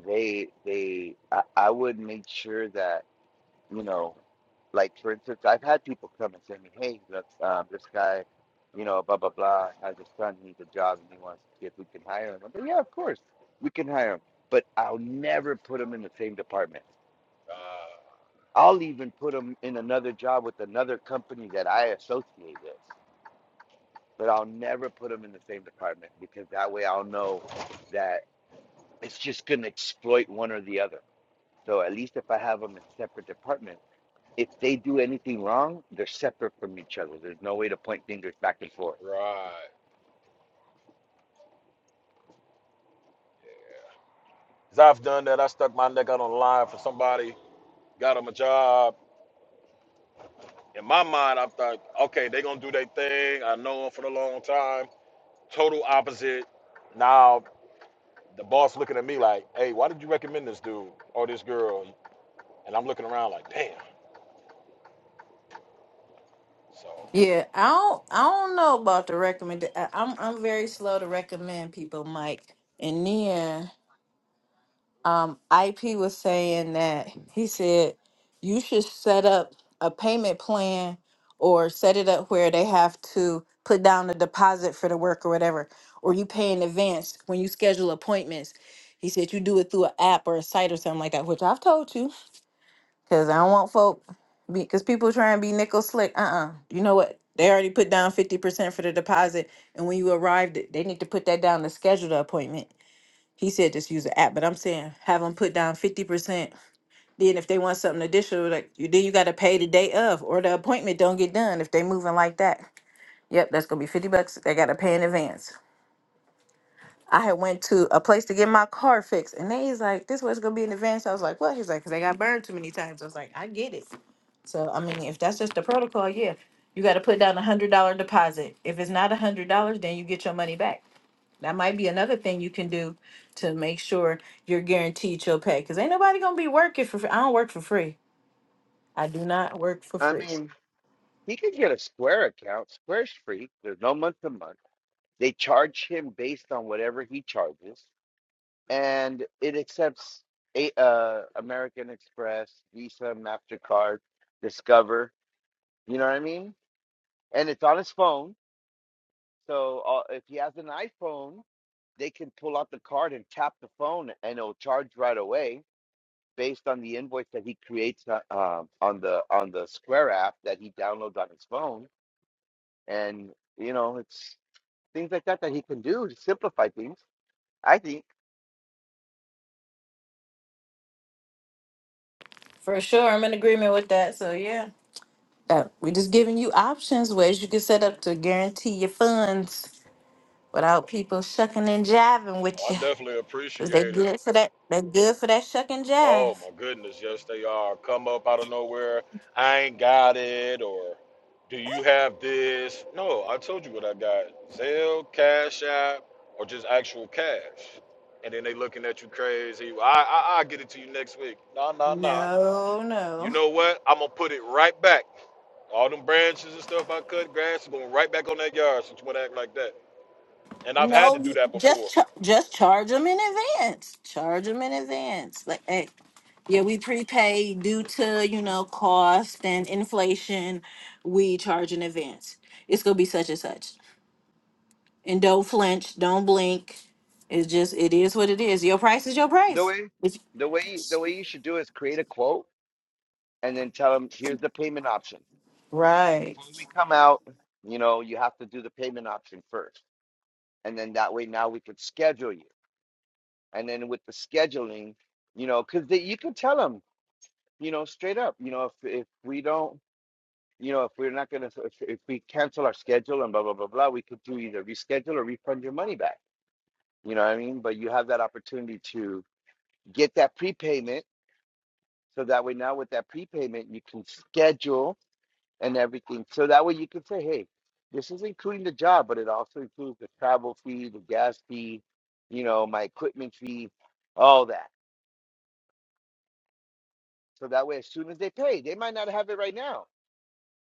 D: they they, I, I would make sure that you know, like for instance, I've had people come and say to me, hey, look, um, this guy, you know, blah blah blah, has a son, needs a job, and he wants to see if we can hire him. I'm like, yeah, of course, we can hire him, but I'll never put him in the same department.
C: uh,
D: I'll even put them in another job with another company that I associate with, but I'll never put them in the same department because that way I'll know that it's just going to exploit one or the other. So at least if I have them in separate departments, if they do anything wrong, they're separate from each other. There's no way to point fingers back and forth.
C: right. i I've done that. I stuck my neck out on the line for somebody, got them a job, In my mind, I thought, okay, they're gonna do their thing. I know them for a long time. Total opposite. Now the boss looking at me like, hey, why did you recommend this dude or this girl? And I'm looking around like, damn. So
A: Yeah, I don't I don't know about the recommend I- I'm I'm very slow to recommend people, Mike. And then um, IP was saying that he said you should set up a payment plan or set it up where they have to put down a deposit for the work or whatever, or you pay in advance when you schedule appointments. He said you do it through an app or a site or something like that, which I've told you because I don't want folk because people try and be nickel slick. Uh uh You know what? They already put down 50% for the deposit. And when you arrived, they need to put that down to schedule the appointment he said just use the app, but I'm saying have them put down 50%. Then if they want something additional, like you then you gotta pay the day of or the appointment don't get done if they moving like that. Yep, that's gonna be 50 bucks. They gotta pay in advance. I had went to a place to get my car fixed and they was like, this was gonna be in advance. I was like, what? He's like, because they got burned too many times. I was like, I get it. So I mean, if that's just the protocol, yeah, you got to put down a hundred dollar deposit. If it's not a hundred dollars, then you get your money back. That might be another thing you can do to make sure you're guaranteed your pay. Cause ain't nobody gonna be working for free. I don't work for free. I do not work for
D: I
A: free.
D: mean, he could get a Square account. Square's free. There's no month to month. They charge him based on whatever he charges. and it accepts a, uh, American Express, Visa, Mastercard, Discover. You know what I mean? And it's on his phone. So uh, if he has an iPhone, they can pull out the card and tap the phone, and it'll charge right away based on the invoice that he creates uh, um, on the on the Square app that he downloads on his phone. And you know, it's things like that that he can do to simplify things. I think
A: For sure, I'm in agreement with that. So yeah, Uh, we're just giving you options, ways you can set up to guarantee your funds without people shucking and jiving with
C: I
A: you.
C: definitely
A: Cause they
C: appreciate it.
A: good for that. They good for that shuck and
C: Oh
A: jive.
C: my goodness, yes they are. Come up out of nowhere. I ain't got it, or do you have this? No, I told you what I got. Zelle, Cash App, or just actual cash. And then they looking at you crazy. I I I get it to you next week. Nah nah nah.
A: No,
C: You
A: no,
C: know what? I'm gonna put it right back. All them branches and stuff I cut, grass is going right back on that yard since you wanna act like that. And I've had to
A: no.
C: do
A: you-
C: that before.
A: Just cha- just charge them in advance. Charge them in advance. Like hey, Yeah, we prepay due to, you know, cost and inflation. We charge in advance. It's gonna be such and such. And don't flinch, don't blink. It's just it is what it is. Your price is your
D: the
A: price.
D: way
A: It's-
D: the way the way you should do is create a quote and then tell them here's the payment option.
A: right.
D: Before we come out, you know, you have to do the payment option first, and then that way now we could schedule you. And then with the scheduling, you know, because you can tell them, you know, straight up, you know, if if we don't, you know, if we're not gonna, if, if we cancel our schedule and blah blah blah blah, we could do either reschedule or refund your money back. You know what I mean? But you have that opportunity to get that prepayment, so that way now with that prepayment you can schedule and everything. So that way you can say, hey, this is including the job, but it also includes the travel fee, the gas fee, you know, my equipment fee, all that. So that way, as soon as they pay, they might not have it right now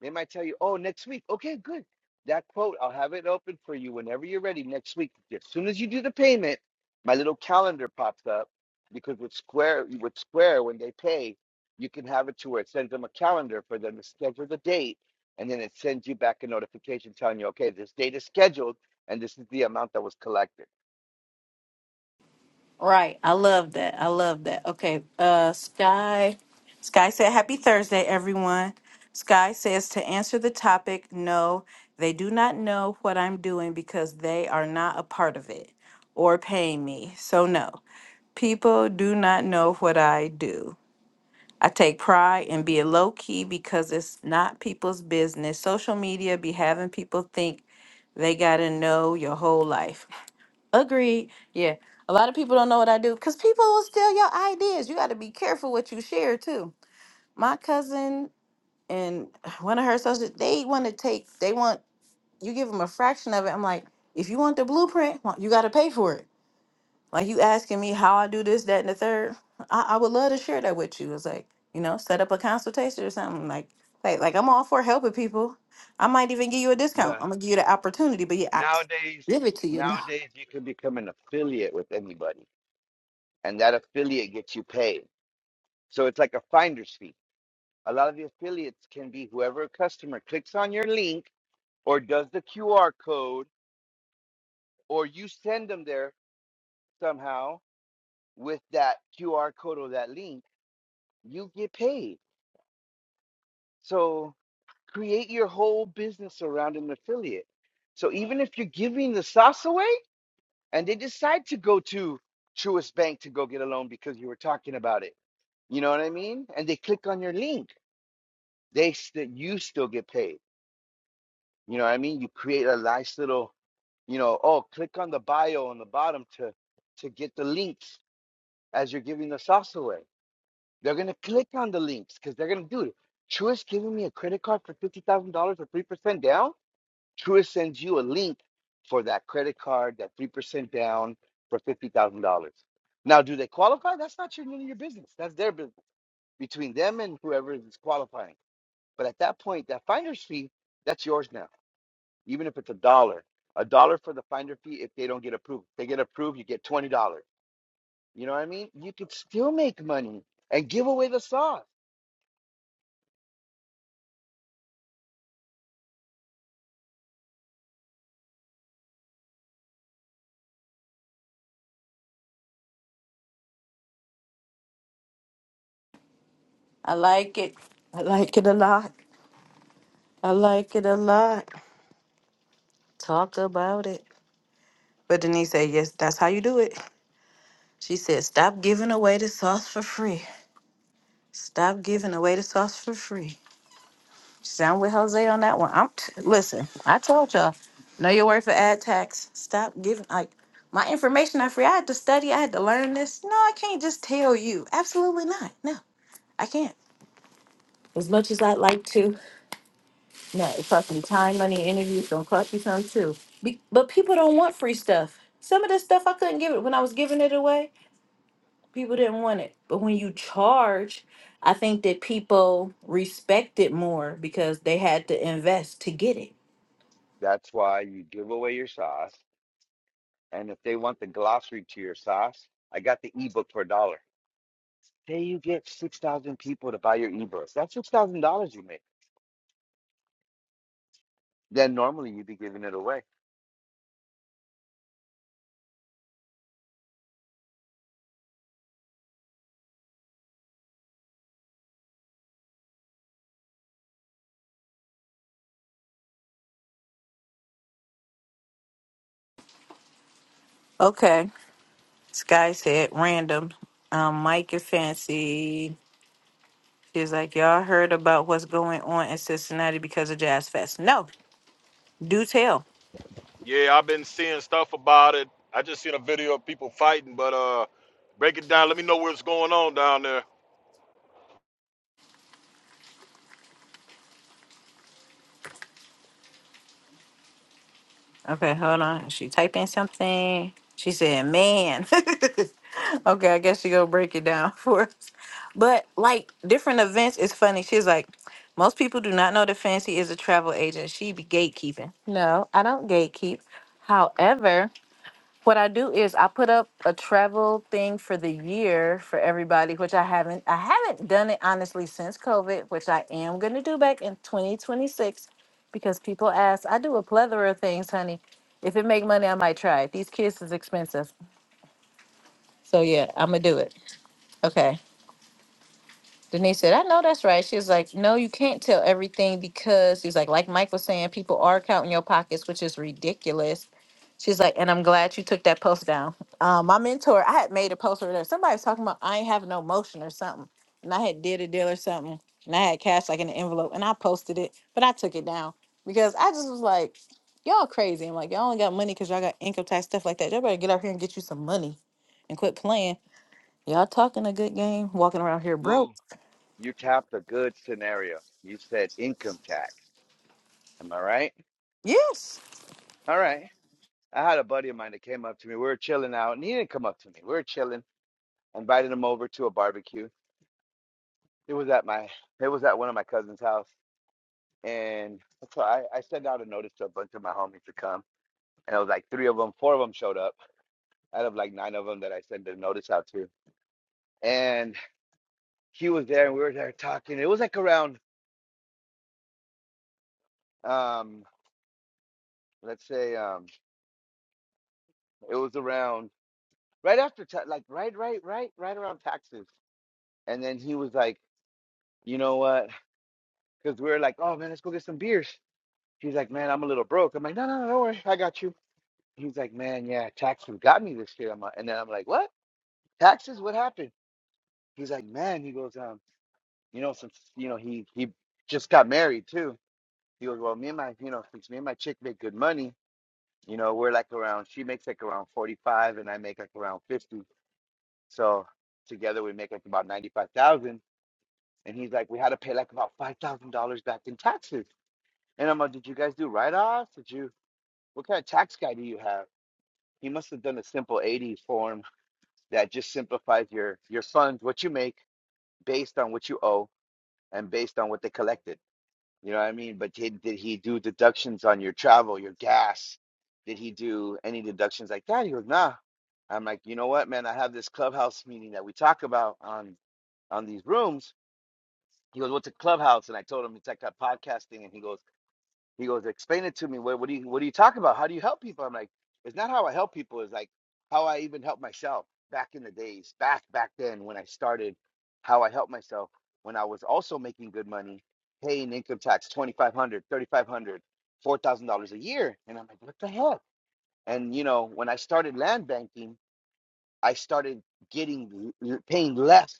D: They might tell you, oh, next week. Okay, good. That quote, I'll have it open for you whenever you're ready next week. As soon as you do the payment, my little calendar pops up because with Square, with Square, when they pay, you can have it to where it sends them a calendar for them to schedule the date, and then it sends you back a notification telling you, okay, this date is scheduled, and this is the amount that was collected.
A: Right. I love that. I love that. Okay. Uh Sky. Sky said happy Thursday, everyone. Sky says to answer the topic, no, they do not know what I'm doing because they are not a part of it or paying me. So no. People do not know what I do. I take pride in being low key because it's not people's business. Social media be having people think they got to know your whole life. Agreed. Yeah. A lot of people don't know what I do because people will steal your ideas. You got to be careful what you share too. My cousin and one of her sisters, they want to take, they want, you give them a fraction of it. I'm like, if you want the blueprint, well, you got to pay for it. Like you asking me how I do this, that, and the third. I, I would love to share that with you. It's like, you know, set up a consultation or something. Like, like, like I'm all for helping people. I might even give you a discount.
D: Look,
A: I'm gonna give you the opportunity, but yeah, I t-
D: nowadays,
A: give it to you now.
D: nowadays you can become an affiliate with anybody, and that affiliate gets you paid. So it's like a finder's fee a lot of the affiliates can be whoever a customer clicks on your link or does the QR code or you send them there somehow with that QR code or that link, you get paid. So create your whole business around an affiliate. So even if you're giving the sauce away and they decide to go to Truist Bank to go get a loan because you were talking about it, you know what I mean? And they click on your link, they st- you still get paid. You know what I mean? You create a nice little, you know, oh, click on the bio on the bottom to to get the links as you're giving the sauce away. They're gonna click on the links because they're gonna do it. Truist giving me a credit card for fifty thousand dollars or three percent down. Truist sends you a link for that credit card, that three percent down for fifty thousand dollars. Now, do they qualify? That's not your none of your business. That's their business between them and whoever is qualifying. But at that point, that finder's fee, that's yours now even if it's a dollar. A dollar for the finder fee if they don't get approved. If they get approved, you get twenty dollars. You know what I mean? You could still make money and give away the sauce.
A: I like it. I like it a lot. I like it a lot. Talked about it. But Denise said, yes, that's how you do it. She said, stop giving away the sauce for free. Stop giving away the sauce for free. Sound with Jose on that one. I'm t- listen. I told y'all, know your word for ad tax. Stop giving like my information not free. I had to study. I had to learn this. No, I can't just tell you. Absolutely not. No, I can't. As much as I'd like to, no, it costs me time, money, and interviews. Gonna cost you some too. Be- but people don't want free stuff. Some of this stuff I couldn't give it when I was giving it away. People didn't want it. But when you charge, I think that people respect it more because they had to invest to get it.
D: That's why you give away your sauce. And if they want the glossary to your sauce, I got the ebook for a dollar. Say you get six thousand people to buy your ebook. That's six thousand dollars you make. Then normally you'd be giving it away.
A: Okay. Sky said random. Um, Mike and Fancy. She's like, y'all heard about what's going on in Cincinnati because of Jazz Fest. No, do tell.
C: Yeah, I've been seeing stuff about it. I just seen a video of people fighting, but uh, break it down. Let me know what's going on down there.
A: Okay, hold on. She typed in something. She said, man. okay, I guess she gonna break it down for us. But like different events is funny. She's like, most people do not know that Fancy is a travel agent. She be gatekeeping. No, I don't gatekeep. However, what I do is I put up a travel thing for the year for everybody, which I haven't I haven't done it honestly since COVID, which I am gonna do back in 2026 because people ask. I do a plethora of things, honey. If it make money, I might try it. These kids is expensive. So yeah, I'm gonna do it. Okay. Denise said, I know that's right. She was like, No, you can't tell everything because she's like, like Mike was saying, people are counting your pockets, which is ridiculous. She's like, and I'm glad you took that post down. Um, my mentor, I had made a post over there. Somebody was talking about I ain't have no motion or something. And I had did a deal or something. And I had cash like in an envelope and I posted it, but I took it down because I just was like, Y'all crazy. I'm like, y'all only got money because y'all got income tax, stuff like that. Y'all better get out here and get you some money and quit playing. Y'all talking a good game, walking around here broke.
D: Well, you tapped a good scenario. You said income tax. Am I right?
A: Yes.
D: All right. I had a buddy of mine that came up to me. We were chilling out, and he didn't come up to me. We were chilling. I invited him over to a barbecue. It was at my, it was at one of my cousin's house, and so I, I sent out a notice to a bunch of my homies to come, and it was like three of them, four of them showed up out of like nine of them that I sent a notice out to, and he was there, and we were there talking. It was like around, um, let's say, um, it was around right after, ta- like right, right, right, right around taxes, and then he was like, you know what? because we were like, oh man, let's go get some beers. He's like, man, I'm a little broke. I'm like, no, no, no, don't worry, I got you. He's like, man, yeah, taxes got me this year. I'm like, and then I'm like, what? Taxes? What happened? He's like, man, he goes, um, you know, since you know he he just got married too. He goes, well, me and my, you know, since me and my chick make good money, you know, we're like around, she makes like around 45 and I make like around 50. So together we make like about 95,000. And he's like, we had to pay like about $5,000 back in taxes. And I'm like, did you guys do write-offs? Did you? What kind of tax guy do you have? He must have done a simple 80 form that just simplifies your your funds, what you make based on what you owe and based on what they collected. You know what I mean? But did, did he do deductions on your travel, your gas? Did he do any deductions like that? He goes, nah. I'm like, you know what, man? I have this clubhouse meeting that we talk about on on these rooms. He goes, what's a clubhouse? And I told him it's like a podcasting, and he goes. He goes, explain it to me. What, what do you what do you talk about? How do you help people? I'm like, it's not how I help people. It's like how I even help myself back in the days, back back then when I started, how I helped myself when I was also making good money, paying income tax 2,500, 3,500, 4,000 dollars four thousand dollars a year, and I'm like, what the hell? And you know, when I started land banking, I started getting paying less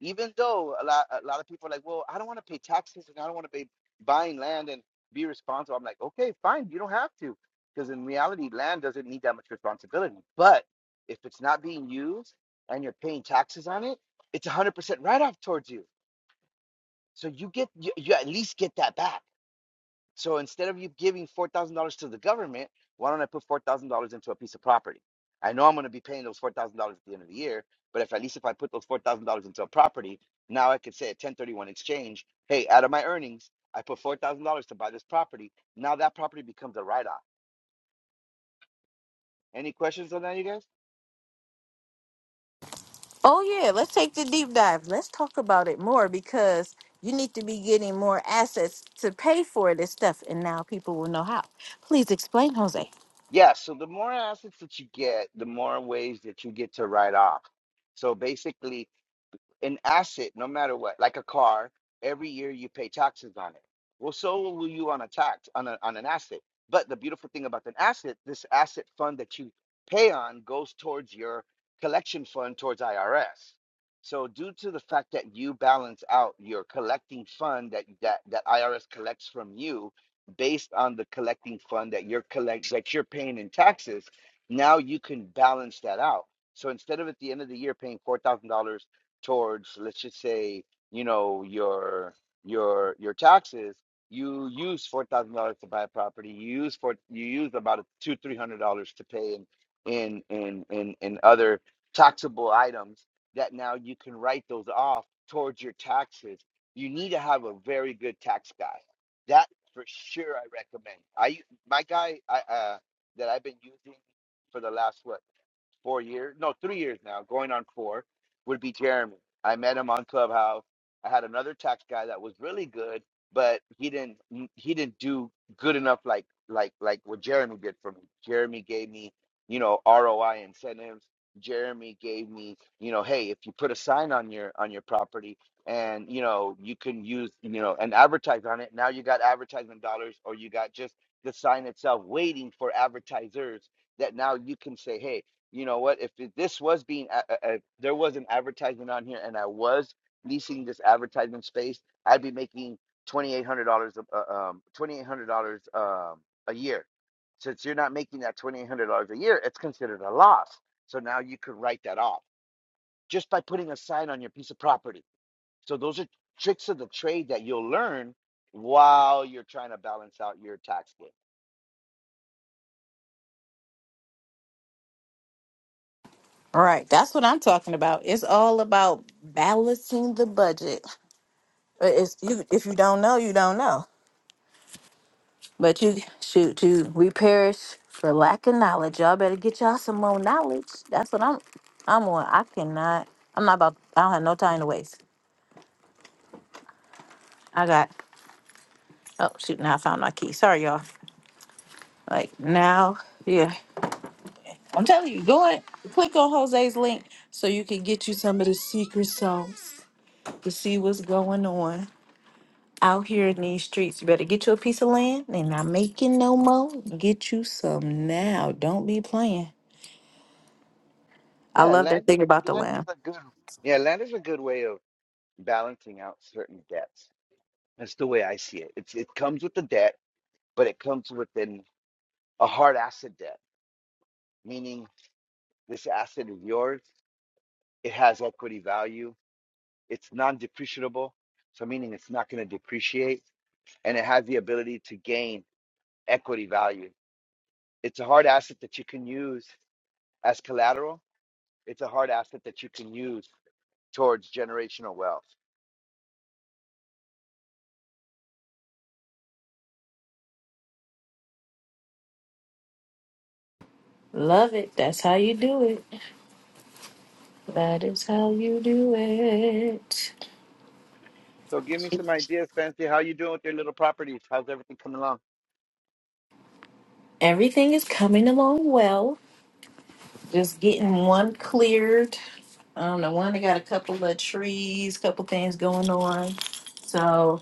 D: even though a lot a lot of people are like, well, I don't want to pay taxes and I don't want to be buying land and be responsible. I'm like, okay, fine, you don't have to, because in reality, land doesn't need that much responsibility. But if it's not being used and you're paying taxes on it, it's 100% write off towards you. So you get you, you at least get that back. So instead of you giving four thousand dollars to the government, why don't I put four thousand dollars into a piece of property? I know I'm going to be paying those four thousand dollars at the end of the year, but if at least if I put those four thousand dollars into a property, now I could say at 1031 exchange, hey, out of my earnings, I put four thousand dollars to buy this property. Now that property becomes a write-off. Any questions on that, you guys?
A: Oh, yeah. Let's take the deep dive. Let's talk about it more because you need to be getting more assets to pay for this stuff. And now people will know how. Please explain, Jose.
D: Yeah. So the more assets that you get, the more ways that you get to write off. So basically, an asset no matter what like a car every year you pay taxes on it well so will you on a tax on, a, on an asset but the beautiful thing about an asset this asset fund that you pay on goes towards your collection fund towards irs so due to the fact that you balance out your collecting fund that that, that irs collects from you based on the collecting fund that you're collect that you're paying in taxes now you can balance that out so instead of at the end of the year paying $4000 towards let's just say you know your your your taxes you use four thousand dollars to buy a property you use for you use about two three hundred dollars to pay in in in in in other taxable items that now you can write those off towards your taxes you need to have a very good tax guy that for sure i recommend i my guy i uh that i've been using for the last what four years, no, three years now, going on four, would be Jeremy. I met him on Clubhouse. I had another tax guy that was really good, but he didn't he didn't do good enough like like like what Jeremy did for me. Jeremy gave me, you know, ROI incentives. Jeremy gave me, you know, hey, if you put a sign on your on your property and you know you can use you know and advertise on it, now you got advertisement dollars or you got just the sign itself waiting for advertisers that now you can say, hey, you know what? If it- this was being, a- a- a- there was an advertisement on here, and I was leasing this advertisement space, I'd be making twenty eight hundred dollars, uh, um, twenty eight hundred dollars um, a year. Since you're not making that twenty eight hundred dollars a year, it's considered a loss. So now you could write that off just by putting a sign on your piece of property. So those are tricks of the trade that you'll learn while you're trying to balance out your tax bill.
A: All right. That's what I'm talking about. It's all about balancing the budget. Uh, It's, you, if you don't know, you don't know. But you, shoot, you, we perish for lack of knowledge. Y'all better get y'all some more knowledge. That's what I'm, I'm on. I cannot, I'm not about, I don't have no time to waste. I got Oh shoot! Now I found my key. Sorry, y'all. Like now, yeah. I'm telling you, go ahead, click on Jose's link so you can get you some of the secret sauce to see what's going on out here in these streets. You better get you a piece of land. They not making no more. Get you some now. Don't be playing. I
D: Yeah,
A: love
D: land,
A: that thing about the
D: land
A: land.
D: is a good, yeah, land is a good way of. balancing out certain debts. That's the way I see it. It's, it comes with the debt, but it comes with an, a hard asset debt, meaning this asset is yours. It has equity value. It's non depreciable, so meaning it's not going to depreciate and it has the ability to gain equity value. It's a hard asset that you can use as collateral. It's a hard asset that you can use towards generational wealth.
A: Love it. That's how you do it. That is how you do it.
D: So give me some ideas, Fancy. How you doing with your little properties? How's everything coming along?
A: Everything is coming along well. Just getting one cleared. Um, the one they got a couple of trees, couple things going on. So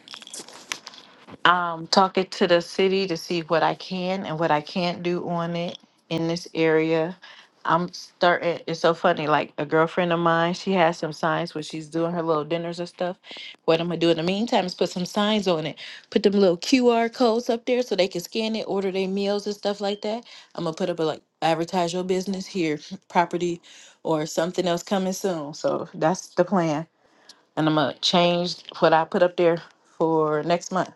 A: um, talking to the city to see what I can and what I can't do on it in this area. I'm starting. It's so funny. Like a girlfriend of mine, she has some signs where she's doing her little dinners and stuff. What I'm gonna do in the meantime is put some signs on it. Put them little QR codes up there so they can scan it, order their meals and stuff like that. I'm gonna put up a like advertise your business here, property, or something else coming soon. So that's the plan. And I'm gonna change what I put up there for next month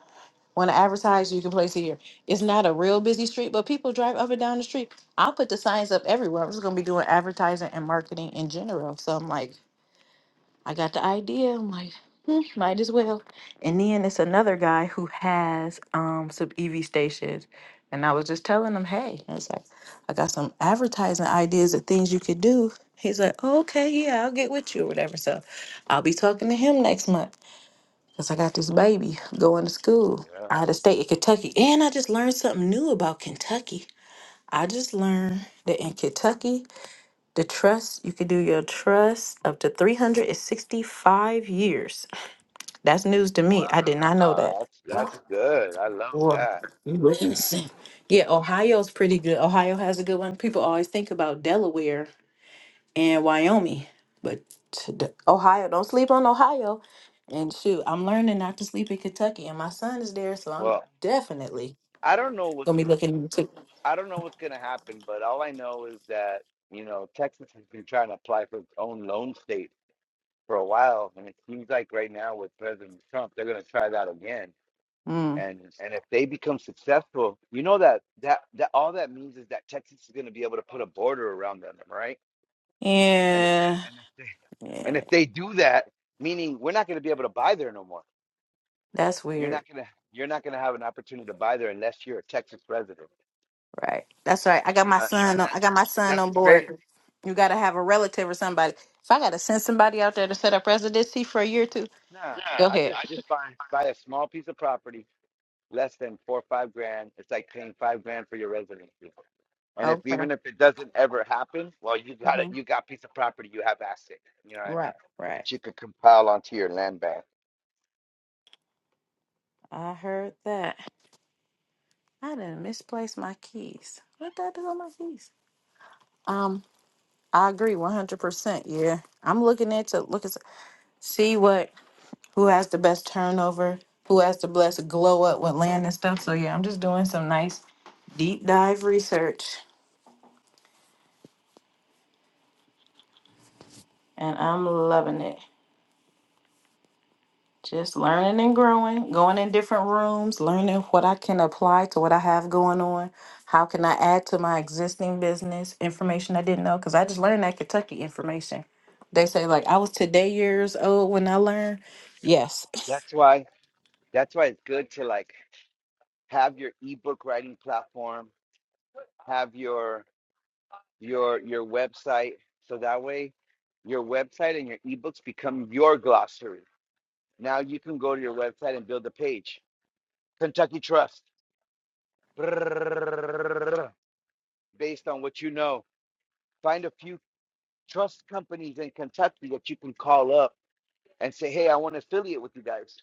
A: want to advertise, you can place it here. It's not a real busy street, but people drive up and down the street. I'll put the signs up everywhere. I'm just gonna be doing advertising and marketing in general. So I'm like, I got the idea. I'm like, hmm, might as well. And then it's another guy who has um some EV stations, and I was just telling him, hey, I was like, I got some advertising ideas of things you could do. He's like, okay, yeah, I'll get with you or whatever. So I'll be talking to him next month. Cause I got this baby going to school out of state in Kentucky. And I just learned something new about Kentucky. I just learned that in Kentucky, the trust, you can do your trust up to 365 years. That's news to me.
D: Wow,
A: I did not know that.
D: that's that's good. I love
A: Boy,
D: that.
A: you listen. Yeah, Ohio's pretty good. Ohio has a good one. People always think about Delaware and Wyoming. But to the- Ohio, don't sleep on Ohio. And shoot, I'm learning not to sleep in Kentucky, and my son is there, so I'm
D: Well,
A: definitely
D: I don't know what's
A: gonna be looking into.
D: I don't know what's gonna happen, but all I know is that, you know, Texas has been trying to apply for its own loan state for a while, and it seems like right now with President Trump, they're gonna try that again.
A: Mm.
D: And and if they become successful, you know that that that all that means is that Texas is gonna be able to put a border around them, right? And if they
A: Yeah,
D: and if they and
A: yeah,
D: if they do that, meaning we're not gonna be able to buy there no more
A: that's
D: You're not
A: weird,
D: gonna you're not gonna have an opportunity to buy there unless you're a Texas resident.
A: right? That's right. I got
D: You
A: my
D: know
A: son. On, I
D: that's
A: got my son
D: that's
A: on
D: crazy.
A: board. You gotta have a relative or somebody. If I gotta send somebody out there to set up residency for a year or two,
D: Nah,
A: go
D: I
A: ahead.
D: just just buy buy a small piece of property, less than four or five grand. It's like paying five grand for your residency. And if
A: Okay.
D: even if it doesn't ever happen, well, you got it.
A: hmm
D: You got piece of property. You have asset. You know what I mean?
A: Right, right.
D: That you could compile onto your land bank.
A: I heard that. I didn't misplace my keys. What did I do with my keys? Um, I agree one hundred percent. Yeah, I'm looking at to look at see what who has the best turnover, who has the best glow up with land and stuff. So yeah, I'm just doing some nice deep dive research, and I'm loving it. Just learning and growing, going in different rooms, learning what I can apply to what I have going on. How can I add to my existing business information I didn't know? Because I just learned that Kentucky information. They say like I was today years old when I learned. Yes,
D: That's why that's why it's good to like have your ebook writing platform, have your your your website so that way your website and your ebooks become your glossary now you can go to your website and build a page kentucky trust based on what you know find a few trust companies in kentucky that you can call up and say hey i want to affiliate with you guys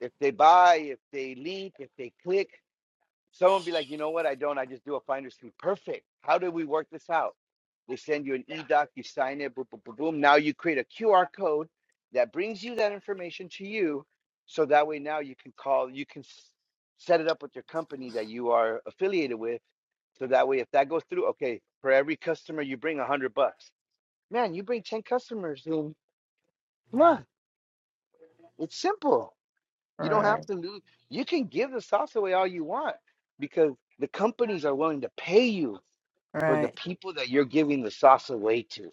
D: if they buy if they link if they click Someone be like, you know what? I don't. I just do a finder's fee. Perfect. How do we work this out? They send you an e-doc, you sign it, boom, boom, boom, boom. Now you create a QR code that brings you that information to you. So that way now you can call, you can s- set it up with your company that you are affiliated with. So that way, if that goes through, okay, for every customer you bring a hundred bucks. Man, you bring 10 customers in. Come on, it's simple. You don't have to lose. You can give the sauce away all you want because the companies are willing to pay you for the
A: Right.
D: people that you're giving the sauce away to.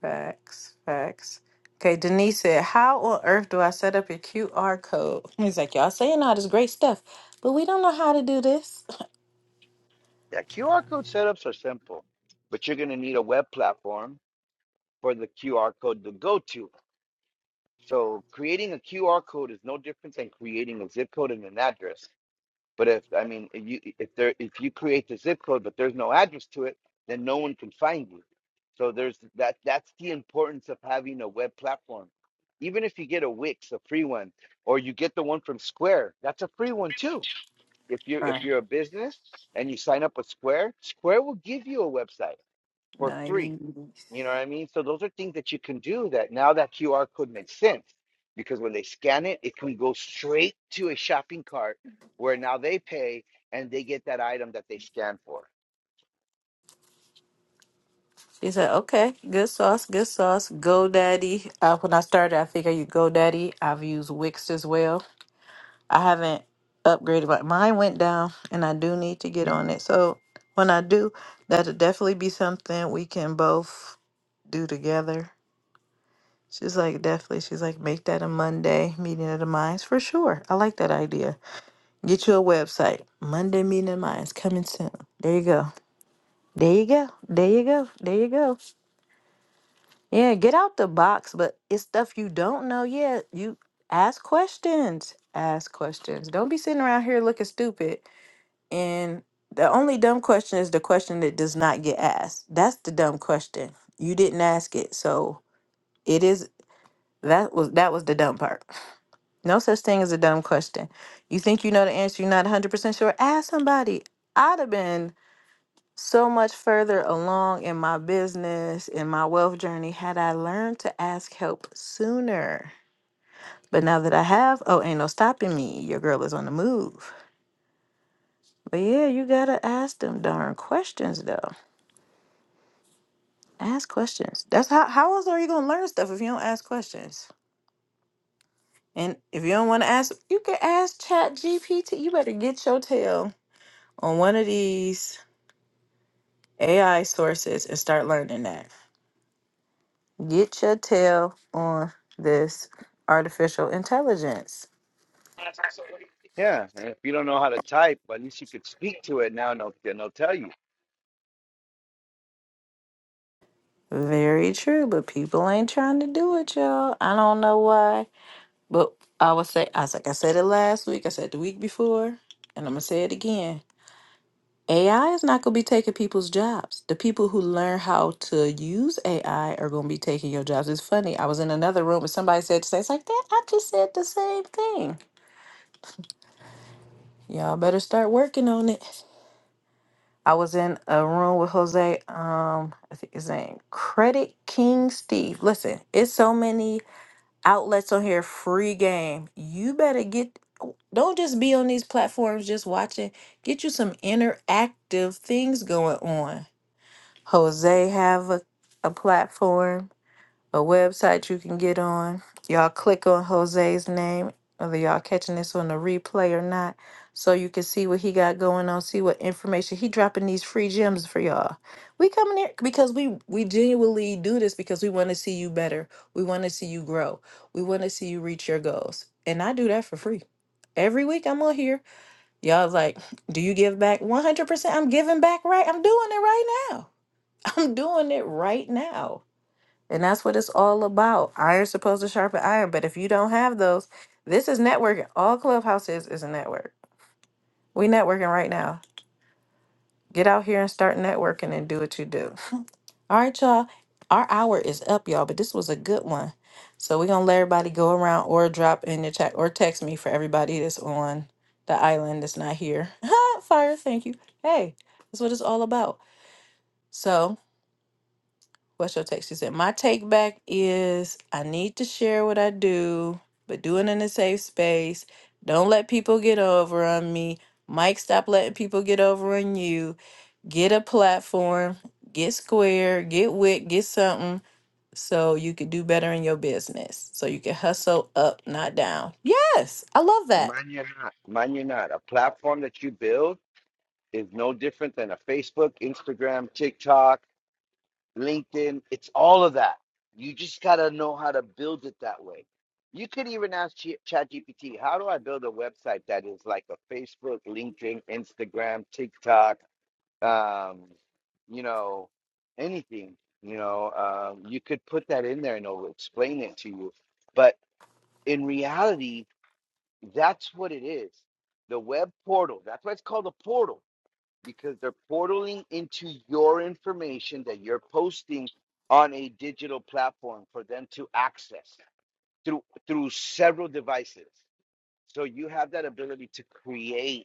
A: Facts. Facts. Okay, Denise said, How on earth do I set up your QR code? He's like, Y'all saying all this great stuff, but we don't know how to do this.
D: Yeah, QR code setups are simple, but you're going to need a web platform for the QR code to go to. So creating a QR code is no different than creating a zip code and an address. But if I mean if you if there if you create the zip code but there's no address to it, then no one can find you. So there's that that's the importance of having a web platform. Even if you get a Wix, a free one, or you get the one from Square, that's a free one too If you if
A: Right.
D: you're a business and you sign up with Square, Square will give you a website for
A: Nice.
D: free. You know what I mean? So those are things that you can do that now that QR code makes sense because when they scan it, it can go straight to a shopping cart where now they pay and they get that item that they scan for.
A: He said, Okay, good sauce, good sauce. GoDaddy. Uh, when I started, I figured you GoDaddy. I've used Wix as well. I haven't upgraded, but mine went down and I do need to get on it. So when I do, that'll definitely be something we can both do together. She's like, definitely. She's like, make that a Monday meeting of the minds for sure. I like that idea. Get you a website. Monday meeting of the minds coming soon. There you go. There you go. There you go. There you go. Yeah, get out the box, but it's stuff you don't know yet. You ask questions. Ask questions. Don't be sitting around here looking stupid. And the only dumb question is the question that does not get asked. That's the dumb question. You didn't ask it. So it is that was that was the dumb part No such thing as a dumb question. You think you know the answer, you're not 100% sure? Ask somebody. I'd have been so much further along in my business, in my wealth journey, had I learned to ask help sooner. But now that I have, oh, ain't no stopping me. Your girl is on the move. But yeah, you gotta ask them darn questions though. Ask questions. That's how how else are you gonna learn stuff if you don't ask questions? And if you don't wanna ask, you can ask Chat GPT. You better get your tail on one of these AI sources and start learning that. Get your tail on this artificial intelligence.
D: Yeah, and if you don't know how to type, at least you could speak to it now, and they'll, and they'll tell you.
A: Very true, but people ain't trying to do it, y'all. I don't know why, but I would say, I was like, I said it last week, I said the week before, and I'm gonna say it again. AI is not gonna be taking people's jobs. The people who learn how to use AI are gonna be taking your jobs. It's funny. I was in another room and somebody said, the same. "It's like that." I just said the same thing. Y'all better start working on it. I was in a room with Jose. Um, I think his name Credit King Steve. Listen, it's so many outlets on here. Free game. You better get. Don't just be on these platforms just watching. Get you some interactive things going on. Jose have a, a platform a website you can get on. Y'all click on Jose's name, whether y'all catching this on the replay or not, so you can see what he got going on, see what information he dropping these free gems for y'all. We coming here because we we genuinely do this because we want to see you better. We want to see you grow. We want to see you reach your goals. And I do that for free. Every week I'm on here. Y'all like, do you give back 100%? I'm giving back right. I'm doing it right now. I'm doing it right now. And that's what it's all about. Iron's supposed to sharpen iron, but if you don't have those, this is networking. All Clubhouse is is a network. We networking right now. Get out here and start networking and do what you do. All right, y'all. Our hour is up, y'all, but this was a good one. So we're gonna let everybody go around or drop in the chat or text me for everybody that's on the island that's not here. Fire, thank you. Hey, that's what it's all about. So. What's your take? She said, My take back is I need to share what I do, but do it in a safe space. Don't let people get over on me. Mike, stop letting people get over on you. Get a platform, get square, get wit, get something so you could do better in your business. So you can hustle up, not down. Yes, I love that.
D: Mind you not, mind you not. A platform that you build is no different than a Facebook, Instagram, TikTok, LinkedIn, it's all of that. You just got to know how to build it that way. You could even ask Ch- ChatGPT, how do I build a website that is like a Facebook, LinkedIn, Instagram, TikTok, um, you know, anything, you know, um, you could put that in there and it'll explain it to you. But in reality, that's what it is. The web portal, that's why it's called a portal because they're portaling into your information that you're posting on a digital platform for them to access through through several devices. So you have that ability to create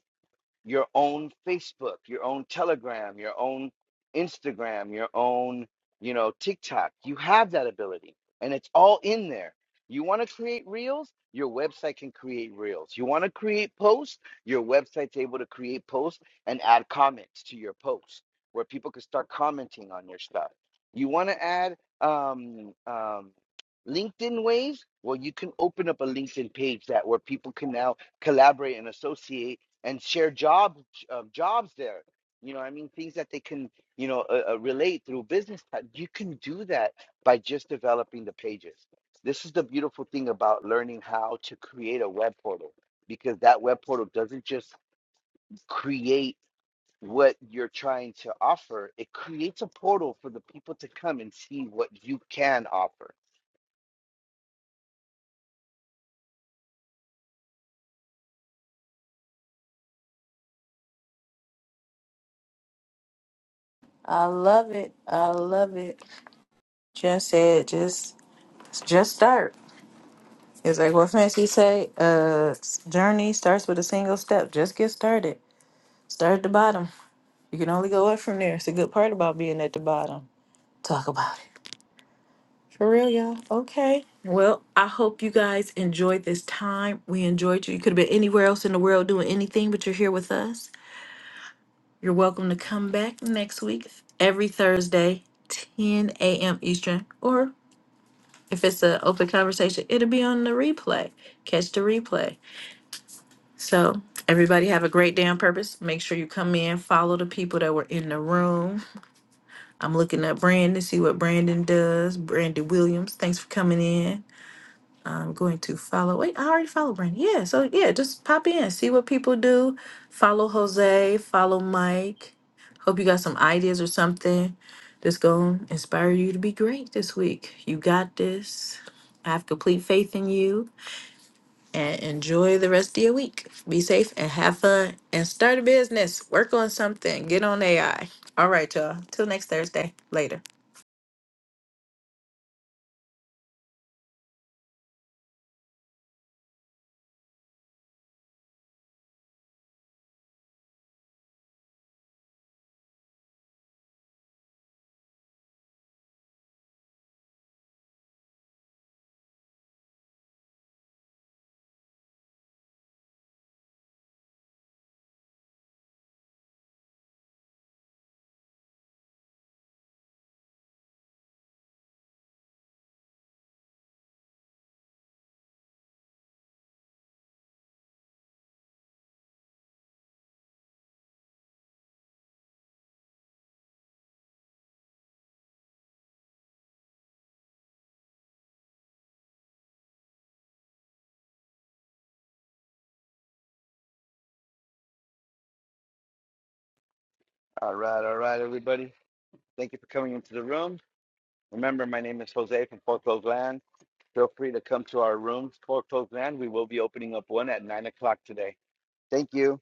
D: your own Facebook, your own Telegram, your own Instagram, your own, you know, TikTok. You have that ability and it's all in there. You want to create reels? Your website can create reels. You want to create posts? Your website's able to create posts and add comments to your posts where people can start commenting on your stuff. You want to add um, um, LinkedIn waves? Well, you can open up a LinkedIn page that where people can now collaborate and associate and share job um, jobs there. You know, I mean, things that they can, you know, uh, uh, relate through business. pa- You can do that by just developing the pages. This is the beautiful thing about learning how to create a web portal because that web portal doesn't just create what you're trying to offer, it creates a portal for the people to come and see what you can offer.
A: I love it. I love it. Jen said, just just start. It's like what Fancy say, uh, journey starts with a single step. Just get started. Start at the bottom. You can only go up from there. It's a good part about being at the bottom. Talk about it. For real, y'all. Okay. Well, I hope you guys enjoyed this time. We enjoyed you. You could have been anywhere else in the world doing anything, but you're here with us. You're welcome to come back next week, every Thursday, 10 a.m. Eastern. Or if it's an open conversation, it'll be on the replay. Catch the replay. So everybody have a great day on purpose. Make sure you come in, follow the people that were in the room. I'm looking up Brandon, see what Brandon does. Brandon Williams, thanks for coming in. I'm going to follow. Wait, I already followed Brandon. Yeah, so yeah, just pop in, see what people do. Follow Jose, follow Mike. Hope you got some ideas or something that's going to inspire you to be great this week. You got this. I have complete faith in you and enjoy the rest of your week. Be safe and have fun and start a business. Work on something. Get on AI. All right, y'all. Till next Thursday. Later.
D: All right, all right, everybody. Thank you for coming into the room. Remember, my name is Jose from Foreclosed Land. Feel free to come to our rooms, Folk Folk Land. We will be opening up one at nine o'clock today. Thank you.